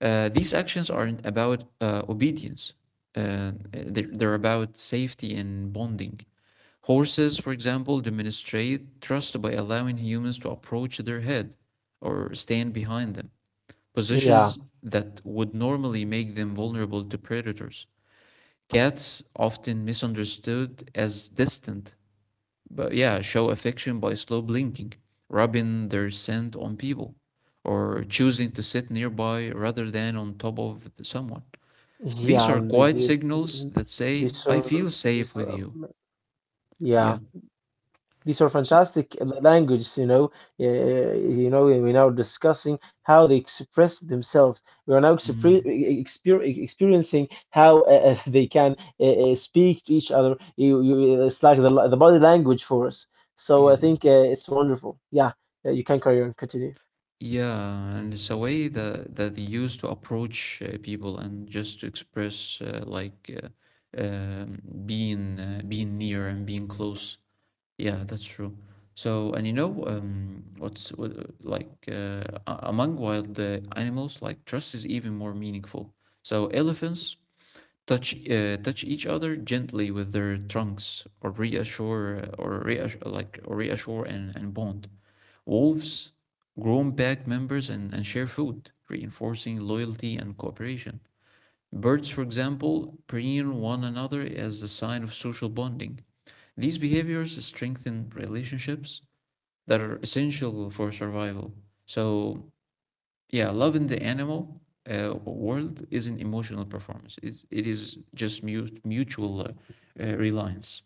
[SPEAKER 1] These actions aren't about obedience. They're about safety and bonding. Horses, for example, demonstrate trust by allowing humans to approach their head or stand behind them,
[SPEAKER 2] Yeah.
[SPEAKER 1] positions that would normally make them vulnerable to predators. Cats, often misunderstood as distant, but yeah, show affection by slow blinking, rubbing their scent on people, or choosing to sit nearby rather than on top of someone. These
[SPEAKER 2] Yeah,
[SPEAKER 1] are
[SPEAKER 2] the-
[SPEAKER 1] quiet signals that say,
[SPEAKER 2] these
[SPEAKER 1] I
[SPEAKER 2] are
[SPEAKER 1] feel
[SPEAKER 2] these
[SPEAKER 1] safe with
[SPEAKER 2] are
[SPEAKER 1] you.
[SPEAKER 2] yeah
[SPEAKER 1] Yeah.
[SPEAKER 2] these are
[SPEAKER 1] So,
[SPEAKER 2] fantastic languages. Uh, you know, we're now discussing how they express themselves. We are now expre
[SPEAKER 1] mm,
[SPEAKER 2] e-, exper e-, experiencing how they can speak to each other. It's like the body language for us. So I
[SPEAKER 1] yeah.
[SPEAKER 2] think it's wonderful. Yeah, you can carry on, continue.
[SPEAKER 1] Yeah. And it's a way that, that they use to approach people and just to express, um, being, being near and being close. Yeah, that's true. So, and you know, what's what, like a- among wild animals, like trust is even more meaningful. So, elephants touch each other gently with their trunks, or reassure and bond. Wolves groom pack members and, share food, reinforcing loyalty and cooperation. Birds, for example, preen one another as a sign of social bonding. These behaviors strengthen relationships that are essential for survival. So yeah, love in the animal world is an emotional performance. It is just mutual reliance.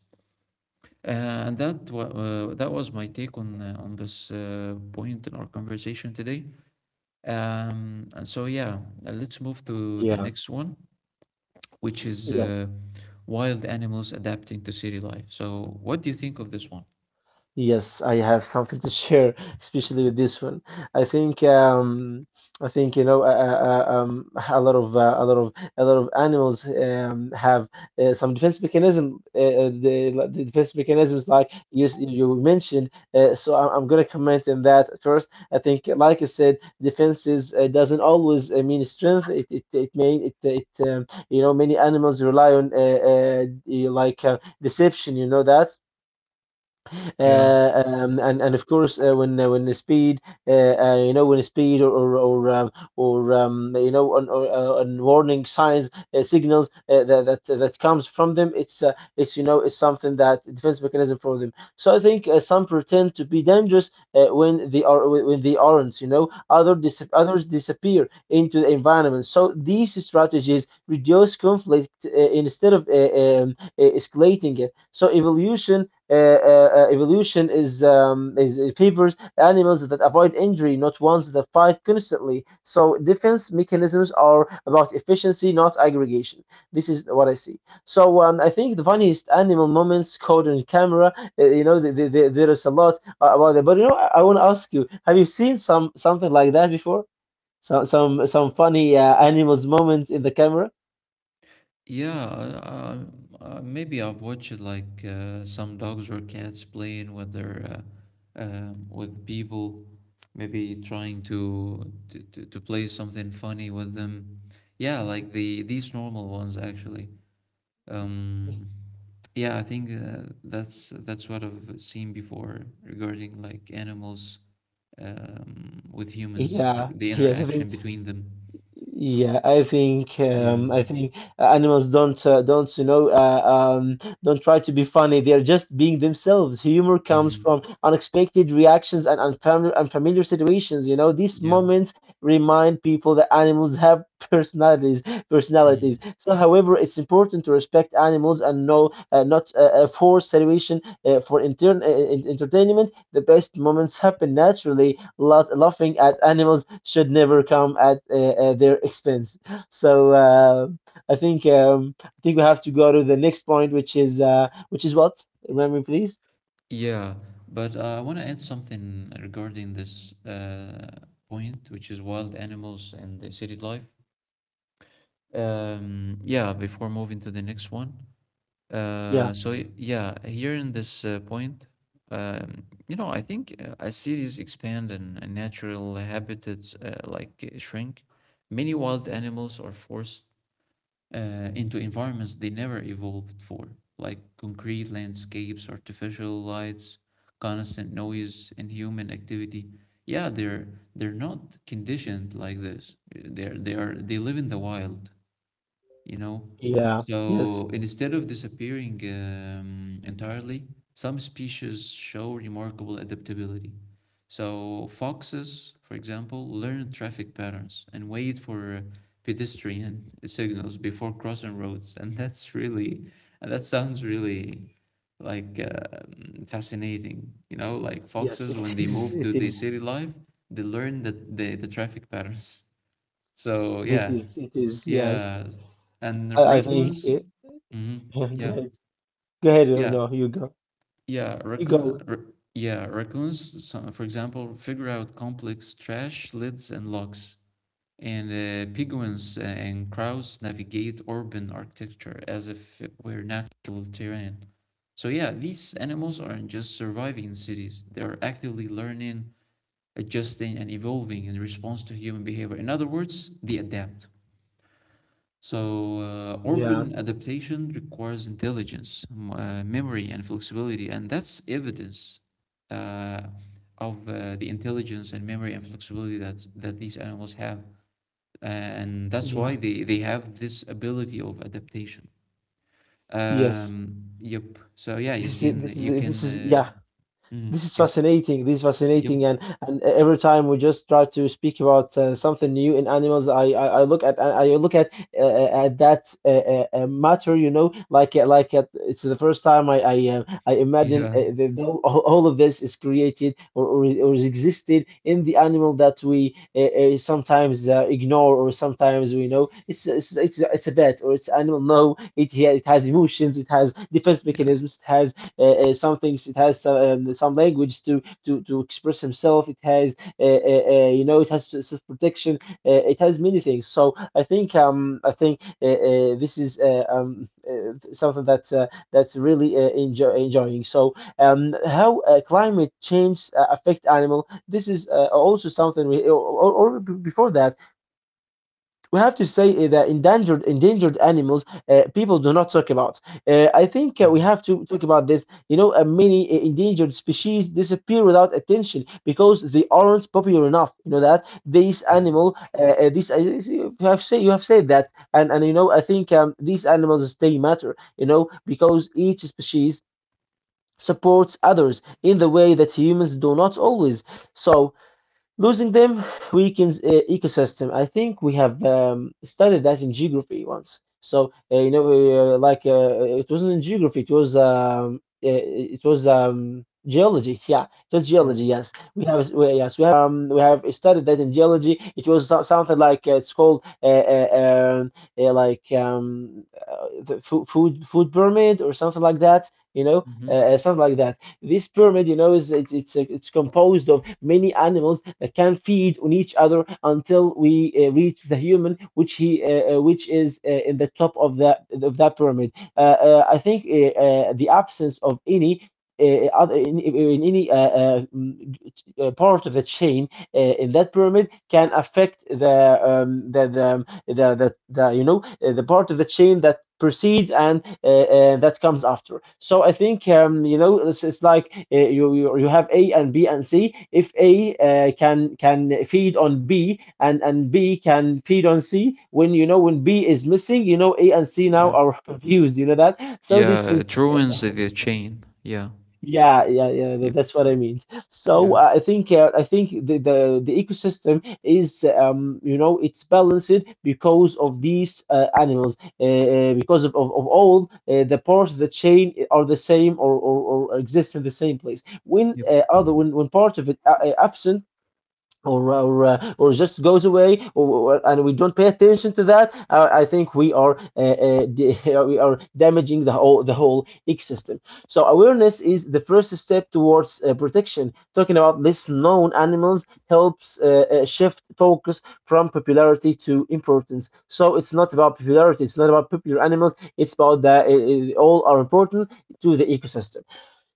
[SPEAKER 1] Uh, that was my take on this point in our conversation today. And So yeah, let's move to the
[SPEAKER 2] Yeah.
[SPEAKER 1] next one, which is
[SPEAKER 2] Yes.
[SPEAKER 1] wild animals adapting to city life. So what do you think of this one?
[SPEAKER 2] Yes, I have something to share, especially with this one. I think um, I think a lot of animals have some defense mechanism. Like the defense mechanisms, like you mentioned. So I'm gonna comment on that first. I think, like you said, defenses doesn't always mean strength. It may it it You know many animals rely on deception. You know that.
[SPEAKER 1] Yeah.
[SPEAKER 2] And of course, when the speed, uh, or you know, on warning signs, signals that comes from them, it's you know, it's something that defense mechanism for them. So I think some pretend to be dangerous when they are when they aren't. You know, others disappear into the environment. So these strategies reduce conflict instead of escalating it. So evolution is it favors animals that avoid injury, not ones that fight constantly. So defense mechanisms are about efficiency, not aggregation. This is what I see. So I think the funniest animal moments caught on camera, you know, there is a lot about it. But you know, I want to ask you: Have you seen some something like that before? Some funny animals moments in the camera?
[SPEAKER 1] Yeah, maybe I've watched like some dogs or cats playing with their with people, maybe trying to, to play something funny with them. Yeah, like these normal ones actually. Um, yeah, I think that's what I've seen before regarding like animals with humans,
[SPEAKER 2] Yeah,
[SPEAKER 1] like the
[SPEAKER 2] yes. I
[SPEAKER 1] interaction
[SPEAKER 2] think
[SPEAKER 1] between them.
[SPEAKER 2] Yeah,
[SPEAKER 1] Yeah.
[SPEAKER 2] I think animals don't don't try to be funny. They're just being themselves. Humor comes from
[SPEAKER 1] Hmm.
[SPEAKER 2] unexpected reactions and unfamiliar situations. You know, these
[SPEAKER 1] Yeah.
[SPEAKER 2] moments remind people that animals have personalities. Personalities.
[SPEAKER 1] Mm-hmm.
[SPEAKER 2] So, however, it's important to respect animals and know not force situation for intern entertainment. The best moments happen naturally laugh, laughing at animals should never come at their expense. So I think we have to go to the next point, which is what? Remind me, please.
[SPEAKER 1] Yeah, but I want to add something regarding this point, which is wild animals and the city life. Yeah, before moving to the next one.
[SPEAKER 2] Yeah,
[SPEAKER 1] Yeah, here in this point, you know, I think as cities expand and natural habitats shrink, many wild animals are forced into environments they never evolved for, like concrete landscapes, artificial lights, constant noise, and human activity. Yeah, they're not conditioned like this. They live in the wild, you know?
[SPEAKER 2] yeah,
[SPEAKER 1] So
[SPEAKER 2] yes,
[SPEAKER 1] instead of disappearing entirely, some species show remarkable adaptability. So foxes, for example, learn traffic patterns and wait for pedestrian signals before crossing roads, and that's really, and that sounds really like fascinating. You know, like
[SPEAKER 2] yes.
[SPEAKER 1] foxes when
[SPEAKER 2] It
[SPEAKER 1] they
[SPEAKER 2] is.
[SPEAKER 1] move to
[SPEAKER 2] It
[SPEAKER 1] the
[SPEAKER 2] is.
[SPEAKER 1] city life, they learn that the traffic patterns. So
[SPEAKER 2] It
[SPEAKER 1] yeah,
[SPEAKER 2] is. It is. Yes.
[SPEAKER 1] yeah, and the
[SPEAKER 2] I think.
[SPEAKER 1] raccoons.
[SPEAKER 2] It,
[SPEAKER 1] Hmm. Yeah,
[SPEAKER 2] go ahead. Go ahead. Oh,
[SPEAKER 1] yeah,
[SPEAKER 2] no, you go.
[SPEAKER 1] yeah.
[SPEAKER 2] You
[SPEAKER 1] Raccoon.
[SPEAKER 2] go.
[SPEAKER 1] R Yeah, raccoons. Some, for example, figure out complex trash lids and locks, and penguins and crows navigate urban architecture as if it were natural terrain. So yeah, these animals aren't just surviving in cities; they are actively learning, adjusting, and evolving in response to human behavior. In other words, they adapt. So urban
[SPEAKER 2] Yeah.
[SPEAKER 1] adaptation requires intelligence, memory, and flexibility, and that's evidence uh, of the intelligence and memory and flexibility that these animals have, and that's
[SPEAKER 2] Yeah.
[SPEAKER 1] why they have this ability of adaptation.
[SPEAKER 2] Yes.
[SPEAKER 1] Yep. So yeah, you
[SPEAKER 2] This is.
[SPEAKER 1] can
[SPEAKER 2] This is.
[SPEAKER 1] you can.
[SPEAKER 2] This is. Yeah.
[SPEAKER 1] Mm,
[SPEAKER 2] This is
[SPEAKER 1] yeah.
[SPEAKER 2] fascinating. This is
[SPEAKER 1] Yep.
[SPEAKER 2] fascinating, and every time we just try to speak about something new in animals, I look at that matter, you know, it's the first time I imagine all of this is created or is existed in the animal that we sometimes ignore or sometimes we know it's a pet or it's animal. No, it yeah, it has emotions, it has defense
[SPEAKER 1] Yeah. Yeah.
[SPEAKER 2] mechanisms, it has some things it has some language to express himself. It has you know it has self protection it has many things. So I think I think this is something that's really enjoying. So how climate change affect animal, this is also something we or before that we have to say that endangered animals people do not talk about. I think we
[SPEAKER 1] Mhm,
[SPEAKER 2] have to talk about this. You know, many endangered species disappear without attention because they aren't popular enough. You know that these
[SPEAKER 1] yeah.
[SPEAKER 2] animal, these I you have say you have said that, and you know I think these animals stay matter. You know because each species supports others in the way that humans do not always. So losing them weakens ecosystem. I think we have studied that in geography once. So you know, it wasn't in geography; it was geology. Yeah, it was
[SPEAKER 1] Yeah.
[SPEAKER 2] geology. Yes, yes we have studied that in geology. It was something like it's called um, the food pyramid or something like that. You know,
[SPEAKER 1] Hmm.
[SPEAKER 2] something like that. This pyramid, you know, is it's composed of many animals that can feed on each other until we reach the human, which is in the top of that pyramid. I think the absence of any. Other in any part of the chain in that pyramid can affect the you know the part of the chain that precedes and that comes after. So I think you know it's like you have A and B and C. If A can feed on B and B can feed on C, when you know when B is missing, you know A and C now
[SPEAKER 1] Yeah.
[SPEAKER 2] are confused. You know that. So
[SPEAKER 1] Yeah.
[SPEAKER 2] this is
[SPEAKER 1] It ruins the chain. Yeah.
[SPEAKER 2] yeah, yeah, yeah.
[SPEAKER 1] Yep.
[SPEAKER 2] That's what I mean.
[SPEAKER 1] Yeah.
[SPEAKER 2] So I think the ecosystem is you know it's balanced because of these animals because of of all the parts of the chain are the same or exist in the same place. When
[SPEAKER 1] Yep.
[SPEAKER 2] other when part of it absent or or just goes away and we don't pay attention to that, I think we are we are damaging the whole ecosystem. So awareness is the first step towards protection. Talking about less known animals helps shift focus from popularity to importance. So it's not about popularity, it's not about popular animals, it's about that all are important to the ecosystem.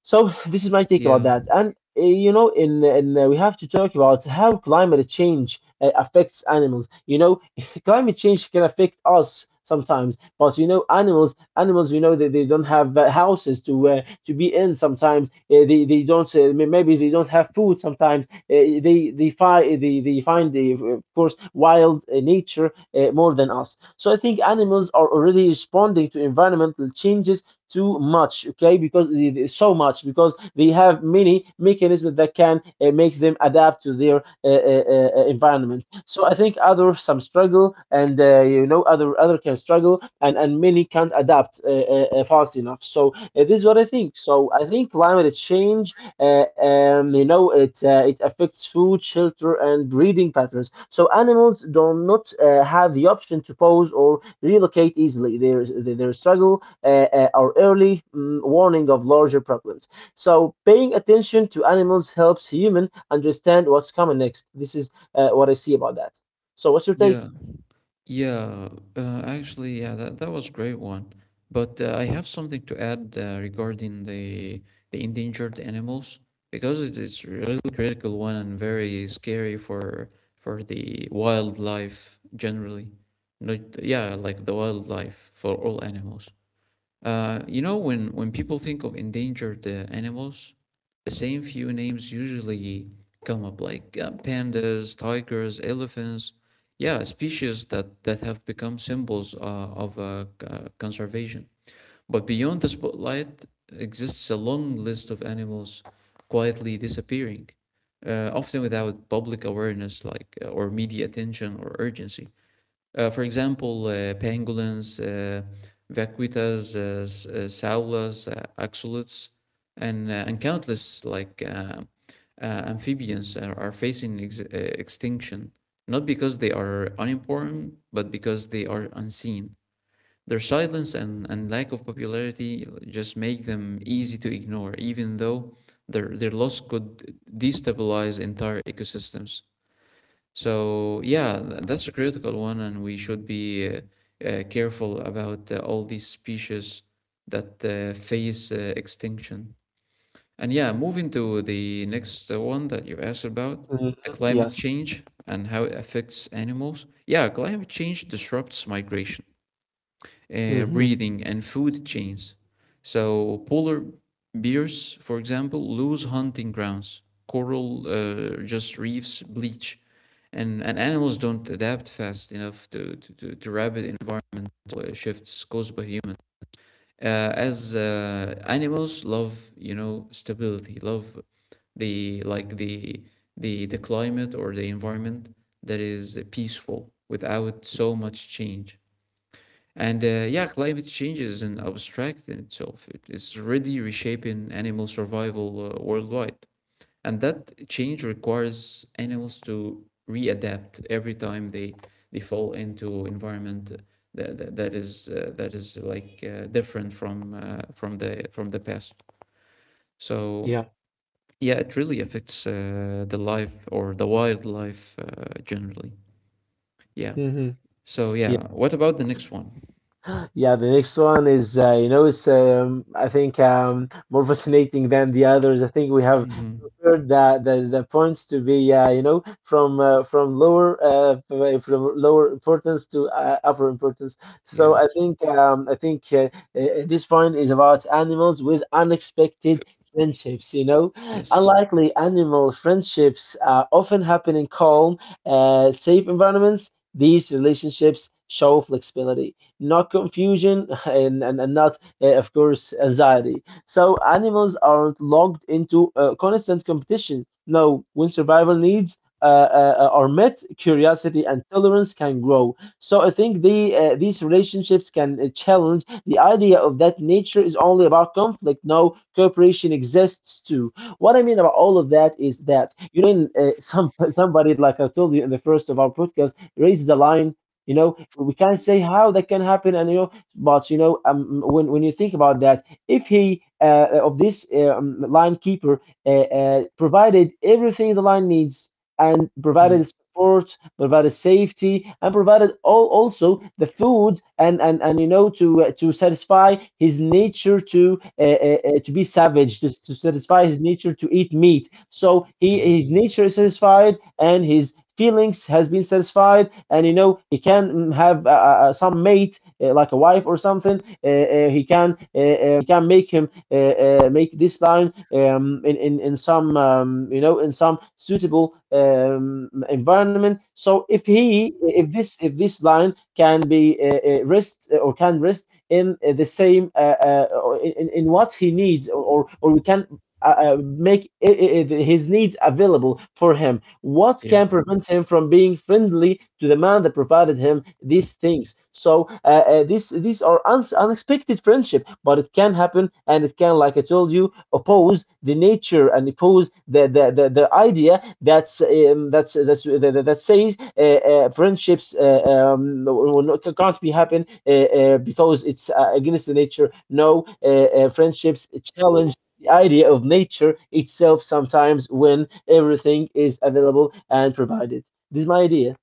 [SPEAKER 2] So this is my take about
[SPEAKER 1] Yeah.
[SPEAKER 2] that. And you know, in we have to talk about how climate change affects animals. You know, climate change can affect us sometimes, but you know, animals you know they don't have houses to be in sometimes. They don't maybe they don't have food sometimes. They find the eh, of course wild nature more than us. So I think animals are already responding to environmental changes too much, okay, because so much because they have many mechanisms that can make them adapt to their environment. So I think other some struggle and you know, other can struggle, and many can't adapt fast enough. So this is what I think. So I think climate change you know, it affects food, shelter and breeding patterns. So animals do not have the option to pose or relocate easily. Their struggle uh, uh, early warning of larger problems. So paying attention to animals helps human understand what's coming next. This is what I see about that. So what's your take?
[SPEAKER 1] Yeah. Yeah. Actually, yeah, that was great one. But I have something to add regarding the endangered animals because it is really critical one and very scary for the wildlife generally. Not yeah, like the wildlife for all animals. You know, when people think of endangered animals, the same few names usually come up, like pandas, tigers, elephants. Yeah, species that have become symbols of conservation. But beyond the spotlight exists a long list of animals quietly disappearing, often without public awareness, or media attention or urgency. For example, pangolins, vaquitas, saulas, axolots, and, and countless amphibians are facing extinction, not because they are unimportant, but because they are unseen. Their silence and lack of popularity just make them easy to ignore, even though their loss could destabilize entire ecosystems. So yeah, that's a critical one, and we should be careful about all these species that face extinction. And yeah, moving to the next one that you asked about,
[SPEAKER 2] Hmm.
[SPEAKER 1] the climate
[SPEAKER 2] Yes.
[SPEAKER 1] change and how it affects animals. Yeah, climate change disrupts migration
[SPEAKER 2] Hmm.
[SPEAKER 1] breathing and food chains. So polar bears, for example, lose hunting grounds. Coral just reefs bleach, and animals don't adapt fast enough to rapid environmental shifts caused by humans. As animals love, you know, stability, love the like the climate or the environment that is peaceful without so much change. And yeah, climate change isn't abstract in itself. It is already reshaping animal survival worldwide. And that change requires animals to readapt every time they fall into environment that is like different from from the past. So
[SPEAKER 2] Yeah.
[SPEAKER 1] yeah, it really affects the life or the wildlife generally. Yeah.
[SPEAKER 2] Hmm.
[SPEAKER 1] So
[SPEAKER 2] Yeah.
[SPEAKER 1] yeah, what about the next one?
[SPEAKER 2] Yeah, the next one is, you know, it's I think more fascinating than the others. I think we have
[SPEAKER 1] Hmm.
[SPEAKER 2] word the that points to be you know, from lower from lower importance to upper importance. So
[SPEAKER 1] Yeah.
[SPEAKER 2] I think this point is about animals with unexpected friendships. You know,
[SPEAKER 1] Yes.
[SPEAKER 2] unlikely animal friendships often happen in calm, safe environments. These relationships show flexibility, not confusion, and not, of course, anxiety. So animals aren't locked into constant competition. No, when survival needs are met, curiosity and tolerance can grow. So I think these relationships can challenge the idea of that nature is only about conflict. No, cooperation exists too. What I mean about all of that is that, you know, in, somebody, like I told you in the first of our podcast, raises a line. You know, we can't say how that can happen, and you know, but you know, when you think about that, if he of this line keeper provided everything the line needs and provided support, provided safety, and provided all also the food, and you know, to satisfy his nature to be savage, to satisfy his nature to eat meat. So he,
[SPEAKER 1] Mhm.
[SPEAKER 2] his nature is satisfied, and his feelings has been satisfied, and you know he can, have some mate, like a wife or something. He can he can make him make this line in, in some you know, in some suitable environment. So if he, if this, if this line can be rest or can rest in the same in what he needs, or we can make his needs available for him, what can
[SPEAKER 1] Yeah.
[SPEAKER 2] prevent him from being friendly to the man that provided him these things? So these are uns unexpected friendship, but it can happen, and it can, like I told you, oppose the nature and oppose the idea that's that says friendships will can't be happen because it's against the nature. No, friendships challenge the idea of nature itself sometimes, when everything is available and provided. This is my idea.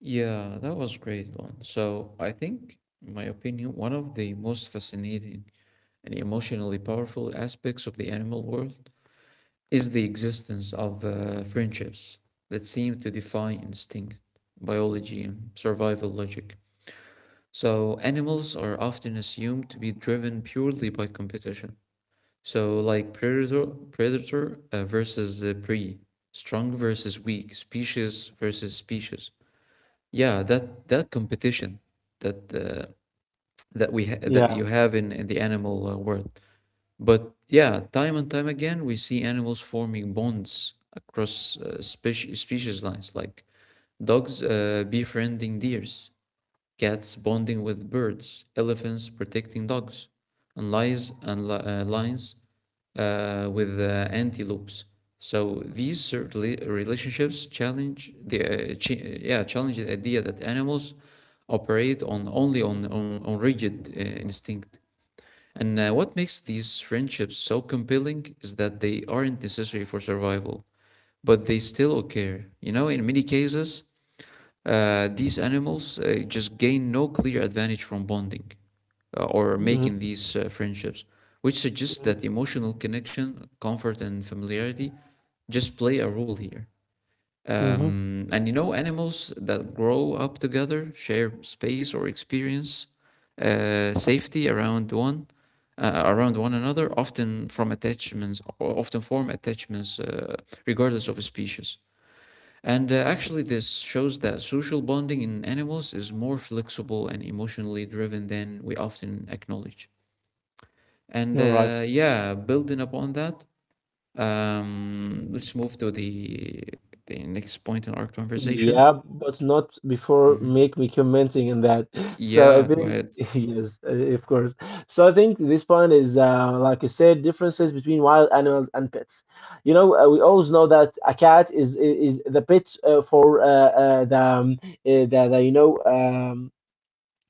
[SPEAKER 1] Yeah, that was great one. So I think, in my opinion, one of the most fascinating and emotionally powerful aspects of the animal world is the existence of friendships that seem to defy instinct, biology, and survival logic. So animals are often assumed to be driven purely by competition. So like predator versus prey, strong versus weak, species versus species. Yeah, that that competition that uh, that we ha that
[SPEAKER 2] Yeah.
[SPEAKER 1] you have in the animal world. But yeah, time and time again, we see animals forming bonds across species lines, like dogs befriending deers, cats bonding with birds, elephants protecting dogs, and lions with antelopes. So these certainly relationships challenge the yeah challenge the idea that animals operate on only on rigid instinct. And what makes these friendships so compelling is that they aren't necessary for survival, but they still occur. You know, in many cases, these animals just gain no clear advantage from bonding uh, or
[SPEAKER 2] Hmm.
[SPEAKER 1] making these uh, friendships, which suggests that emotional connection, comfort, and familiarity just play a role here.
[SPEAKER 2] Hmm.
[SPEAKER 1] And you know, animals that grow up together share space or experience safety around one another, often form attachments, regardless of a species. And actually, this shows that social bonding in animals is more flexible and emotionally driven than we often acknowledge. And
[SPEAKER 2] You're right.
[SPEAKER 1] yeah, building upon that, let's move to the next point in our conversation.
[SPEAKER 2] Yeah, but not before
[SPEAKER 1] Mhm.
[SPEAKER 2] make me commenting on that. So I
[SPEAKER 1] Yeah, go
[SPEAKER 2] think
[SPEAKER 1] ahead.
[SPEAKER 2] yes, of course. So I think this point is, like you said, differences between wild animals and pets. You know, we always know that a cat is the pet for the, you know,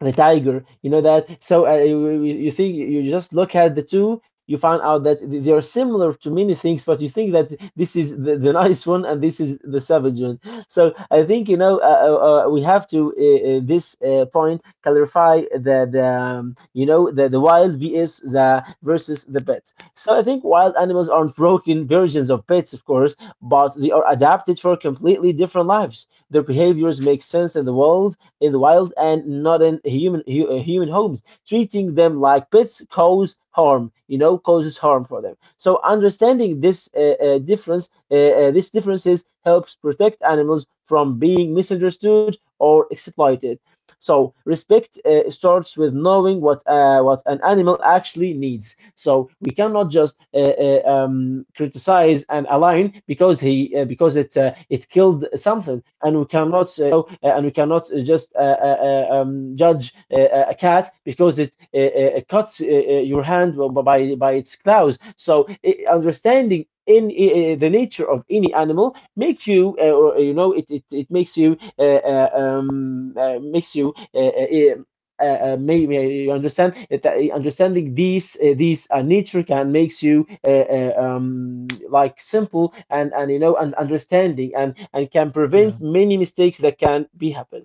[SPEAKER 2] the tiger, you know that. So you, you think, you just look at the two, you find out that they are similar to many things, but you think that this is the nice one and this is the savage one. So I think, you know, we have to this point clarify the you know, the wild vs the versus the pets. So I think wild animals aren't broken versions of pets, of course, but they are adapted for completely different lives. Their behaviors make sense in the world in the wild, and not in human homes. Treating them like pets cause harm. You know, causes harm for them. So understanding this difference, this differences helps protect animals from being misunderstood or exploited. So respect starts with knowing what, what an animal actually needs. So we cannot just criticize an a lion because he because it killed something, and we cannot just judge a cat because it cuts your hand by its claws. So I understanding in the nature of any animal make you or, you know, it it makes you maybe you understand that understanding these nature can makes you like simple, and you know, and understanding, and can
[SPEAKER 1] Yeah.
[SPEAKER 2] prevent many mistakes that can be happen.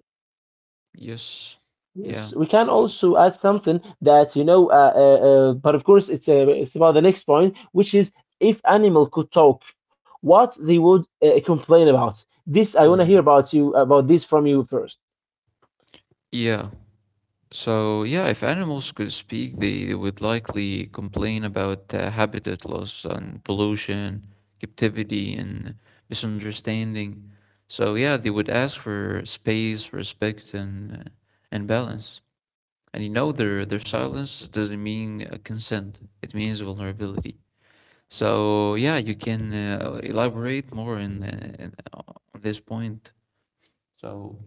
[SPEAKER 1] Yes. Yeah.
[SPEAKER 2] Yes, we can
[SPEAKER 1] The-
[SPEAKER 2] also add something, that you know, but of course, it's about the next point, which is, if animal could talk, what they would complain about. This I want to hear
[SPEAKER 1] mhm.
[SPEAKER 2] about you, about this from you first.
[SPEAKER 1] Yeah. So, yeah, if animals could speak, they would likely complain about habitat loss and pollution, captivity, and misunderstanding. So, yeah, they would ask for space, respect, and and balance. And you know, their silence doesn't mean consent; it means vulnerability. So, yeah, you can elaborate more in on this point. So.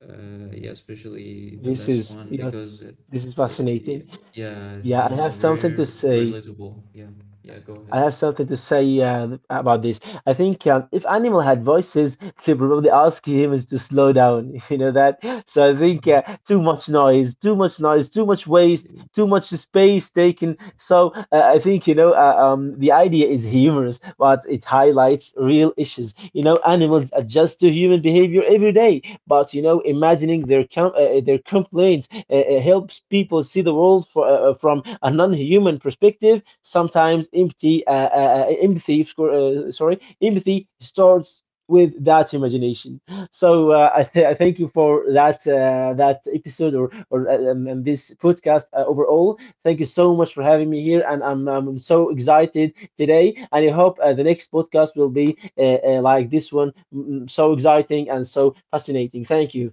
[SPEAKER 1] Yeah, especially the
[SPEAKER 2] This
[SPEAKER 1] last
[SPEAKER 2] is,
[SPEAKER 1] one
[SPEAKER 2] yes,
[SPEAKER 1] because it,
[SPEAKER 2] this is
[SPEAKER 1] yeah,
[SPEAKER 2] fascinating.
[SPEAKER 1] yeah, it
[SPEAKER 2] Yeah, I
[SPEAKER 1] seems
[SPEAKER 2] have something to
[SPEAKER 1] very
[SPEAKER 2] say.
[SPEAKER 1] relatable. Yeah, yeah, go
[SPEAKER 2] I
[SPEAKER 1] ahead.
[SPEAKER 2] have something to say about this. I think, if Animal had voices, he'd probably ask him is to slow down. You know that. So I think,
[SPEAKER 1] Mhm.
[SPEAKER 2] too much noise, too much noise, too much waste,
[SPEAKER 1] Yeah.
[SPEAKER 2] too much space taken. So I think, you know, the idea is humorous, but it highlights real issues. You know, animals adjust to human behavior every day, but you know, imagining their their complaints, it helps people see the world for, from a non-human perspective. Sometimes empathy starts with that imagination. So I, I thank you for that that episode, or and this podcast overall. Thank you so much for having me here, and I'm so excited today. And I hope the next podcast will be like this one, so exciting and so fascinating. Thank you.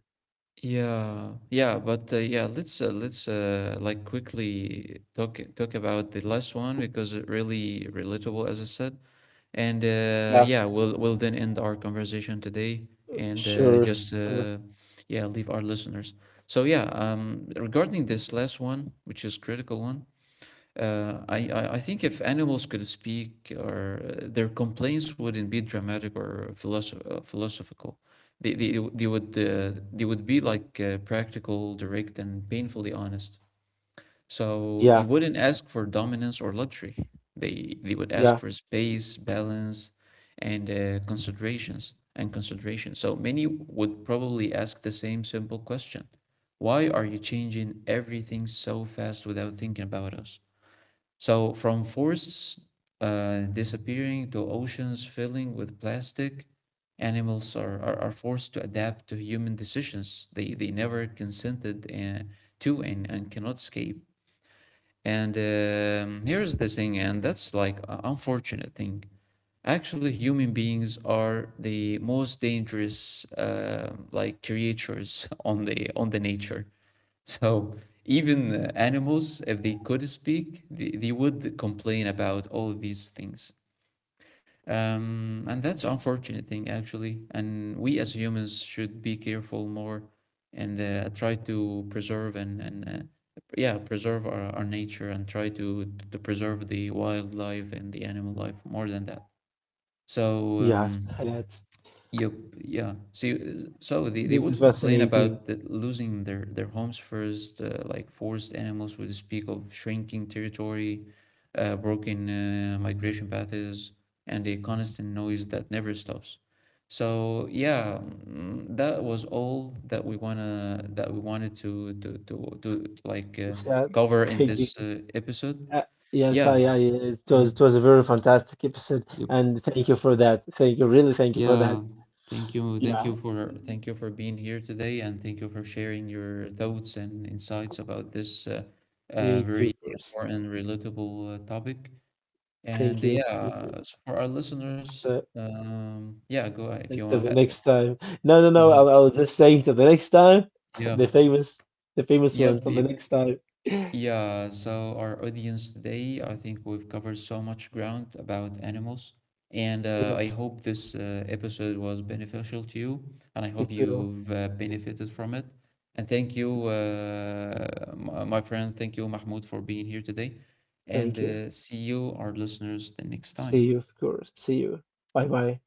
[SPEAKER 1] Yeah, yeah, but yeah, let's like quickly talk about the last one because it really relatable, as I said. And
[SPEAKER 2] Yeah,
[SPEAKER 1] yeah, we'll then end our conversation today and
[SPEAKER 2] sure.
[SPEAKER 1] just
[SPEAKER 2] Sure.
[SPEAKER 1] yeah, leave our listeners. So yeah, regarding this last one, which is critical one, I think if animals could speak, or their complaints wouldn't be dramatic or philosophical. They would be like practical, direct, and painfully honest. So they
[SPEAKER 2] Yeah.
[SPEAKER 1] wouldn't ask for dominance or luxury. They would
[SPEAKER 2] Yeah,
[SPEAKER 1] ask for space, balance, and consideration. So many would probably ask the same simple question: why are you changing everything so fast without thinking about us? So, from forests disappearing to oceans filling with plastic, are forced to adapt to human decisions they never consented to and cannot escape. And here's the thing, and that's like an unfortunate thing. Actually, human beings are the most dangerous, like creatures on the nature. So even animals, if they could speak, they would complain about all these things. And that's an unfortunate thing actually. And we as humans should be careful more and try to preserve and yeah, preserve our nature and try to preserve the wildlife and the animal life more than that. So
[SPEAKER 2] yes,
[SPEAKER 1] um,
[SPEAKER 2] that's,
[SPEAKER 1] Yep, yeah. See, so they
[SPEAKER 2] this is
[SPEAKER 1] would complain
[SPEAKER 2] fascinating.
[SPEAKER 1] about the, losing their homes first, like forced animals would speak of shrinking territory, broken migration paths, and a constant noise that never stops. So yeah, mm, that was all that we wanted to like
[SPEAKER 2] It's,
[SPEAKER 1] cover in
[SPEAKER 2] thank you.
[SPEAKER 1] this episode.
[SPEAKER 2] Uh, yes,
[SPEAKER 1] Yeah.
[SPEAKER 2] I,
[SPEAKER 1] Hmm.
[SPEAKER 2] it was a very fantastic episode,
[SPEAKER 1] Yep.
[SPEAKER 2] and thank you for that. Thank you, really, thank you for that.
[SPEAKER 1] Yeah, thank you. Thank
[SPEAKER 2] Yeah,
[SPEAKER 1] you for being here today and thank you for sharing your thoughts and insights about this
[SPEAKER 2] me too,
[SPEAKER 1] very
[SPEAKER 2] of course.
[SPEAKER 1] important, relatable topic. And
[SPEAKER 2] Thank you, me too.
[SPEAKER 1] yeah, so for our listeners,
[SPEAKER 2] So,
[SPEAKER 1] yeah, go ahead if you
[SPEAKER 2] until
[SPEAKER 1] want
[SPEAKER 2] the next
[SPEAKER 1] to ask.
[SPEAKER 2] time. No, no, no.
[SPEAKER 1] Mhm.
[SPEAKER 2] I was just saying until the next time.
[SPEAKER 1] Yeah.
[SPEAKER 2] The famous, the famous one.
[SPEAKER 1] Yep.
[SPEAKER 2] Until the next time.
[SPEAKER 1] Yeah, so our audience today, I think we've covered so much ground about animals, and I
[SPEAKER 2] Yes,
[SPEAKER 1] hope this episode was beneficial to you, and I hope
[SPEAKER 2] it will.
[SPEAKER 1] you've benefited from it. And thank you, my friend, thank you, Mahmoud, for being here today, and
[SPEAKER 2] Thank you.
[SPEAKER 1] see you, our listeners, the next
[SPEAKER 2] See
[SPEAKER 1] time.
[SPEAKER 2] you, of course. See you. Bye, bye.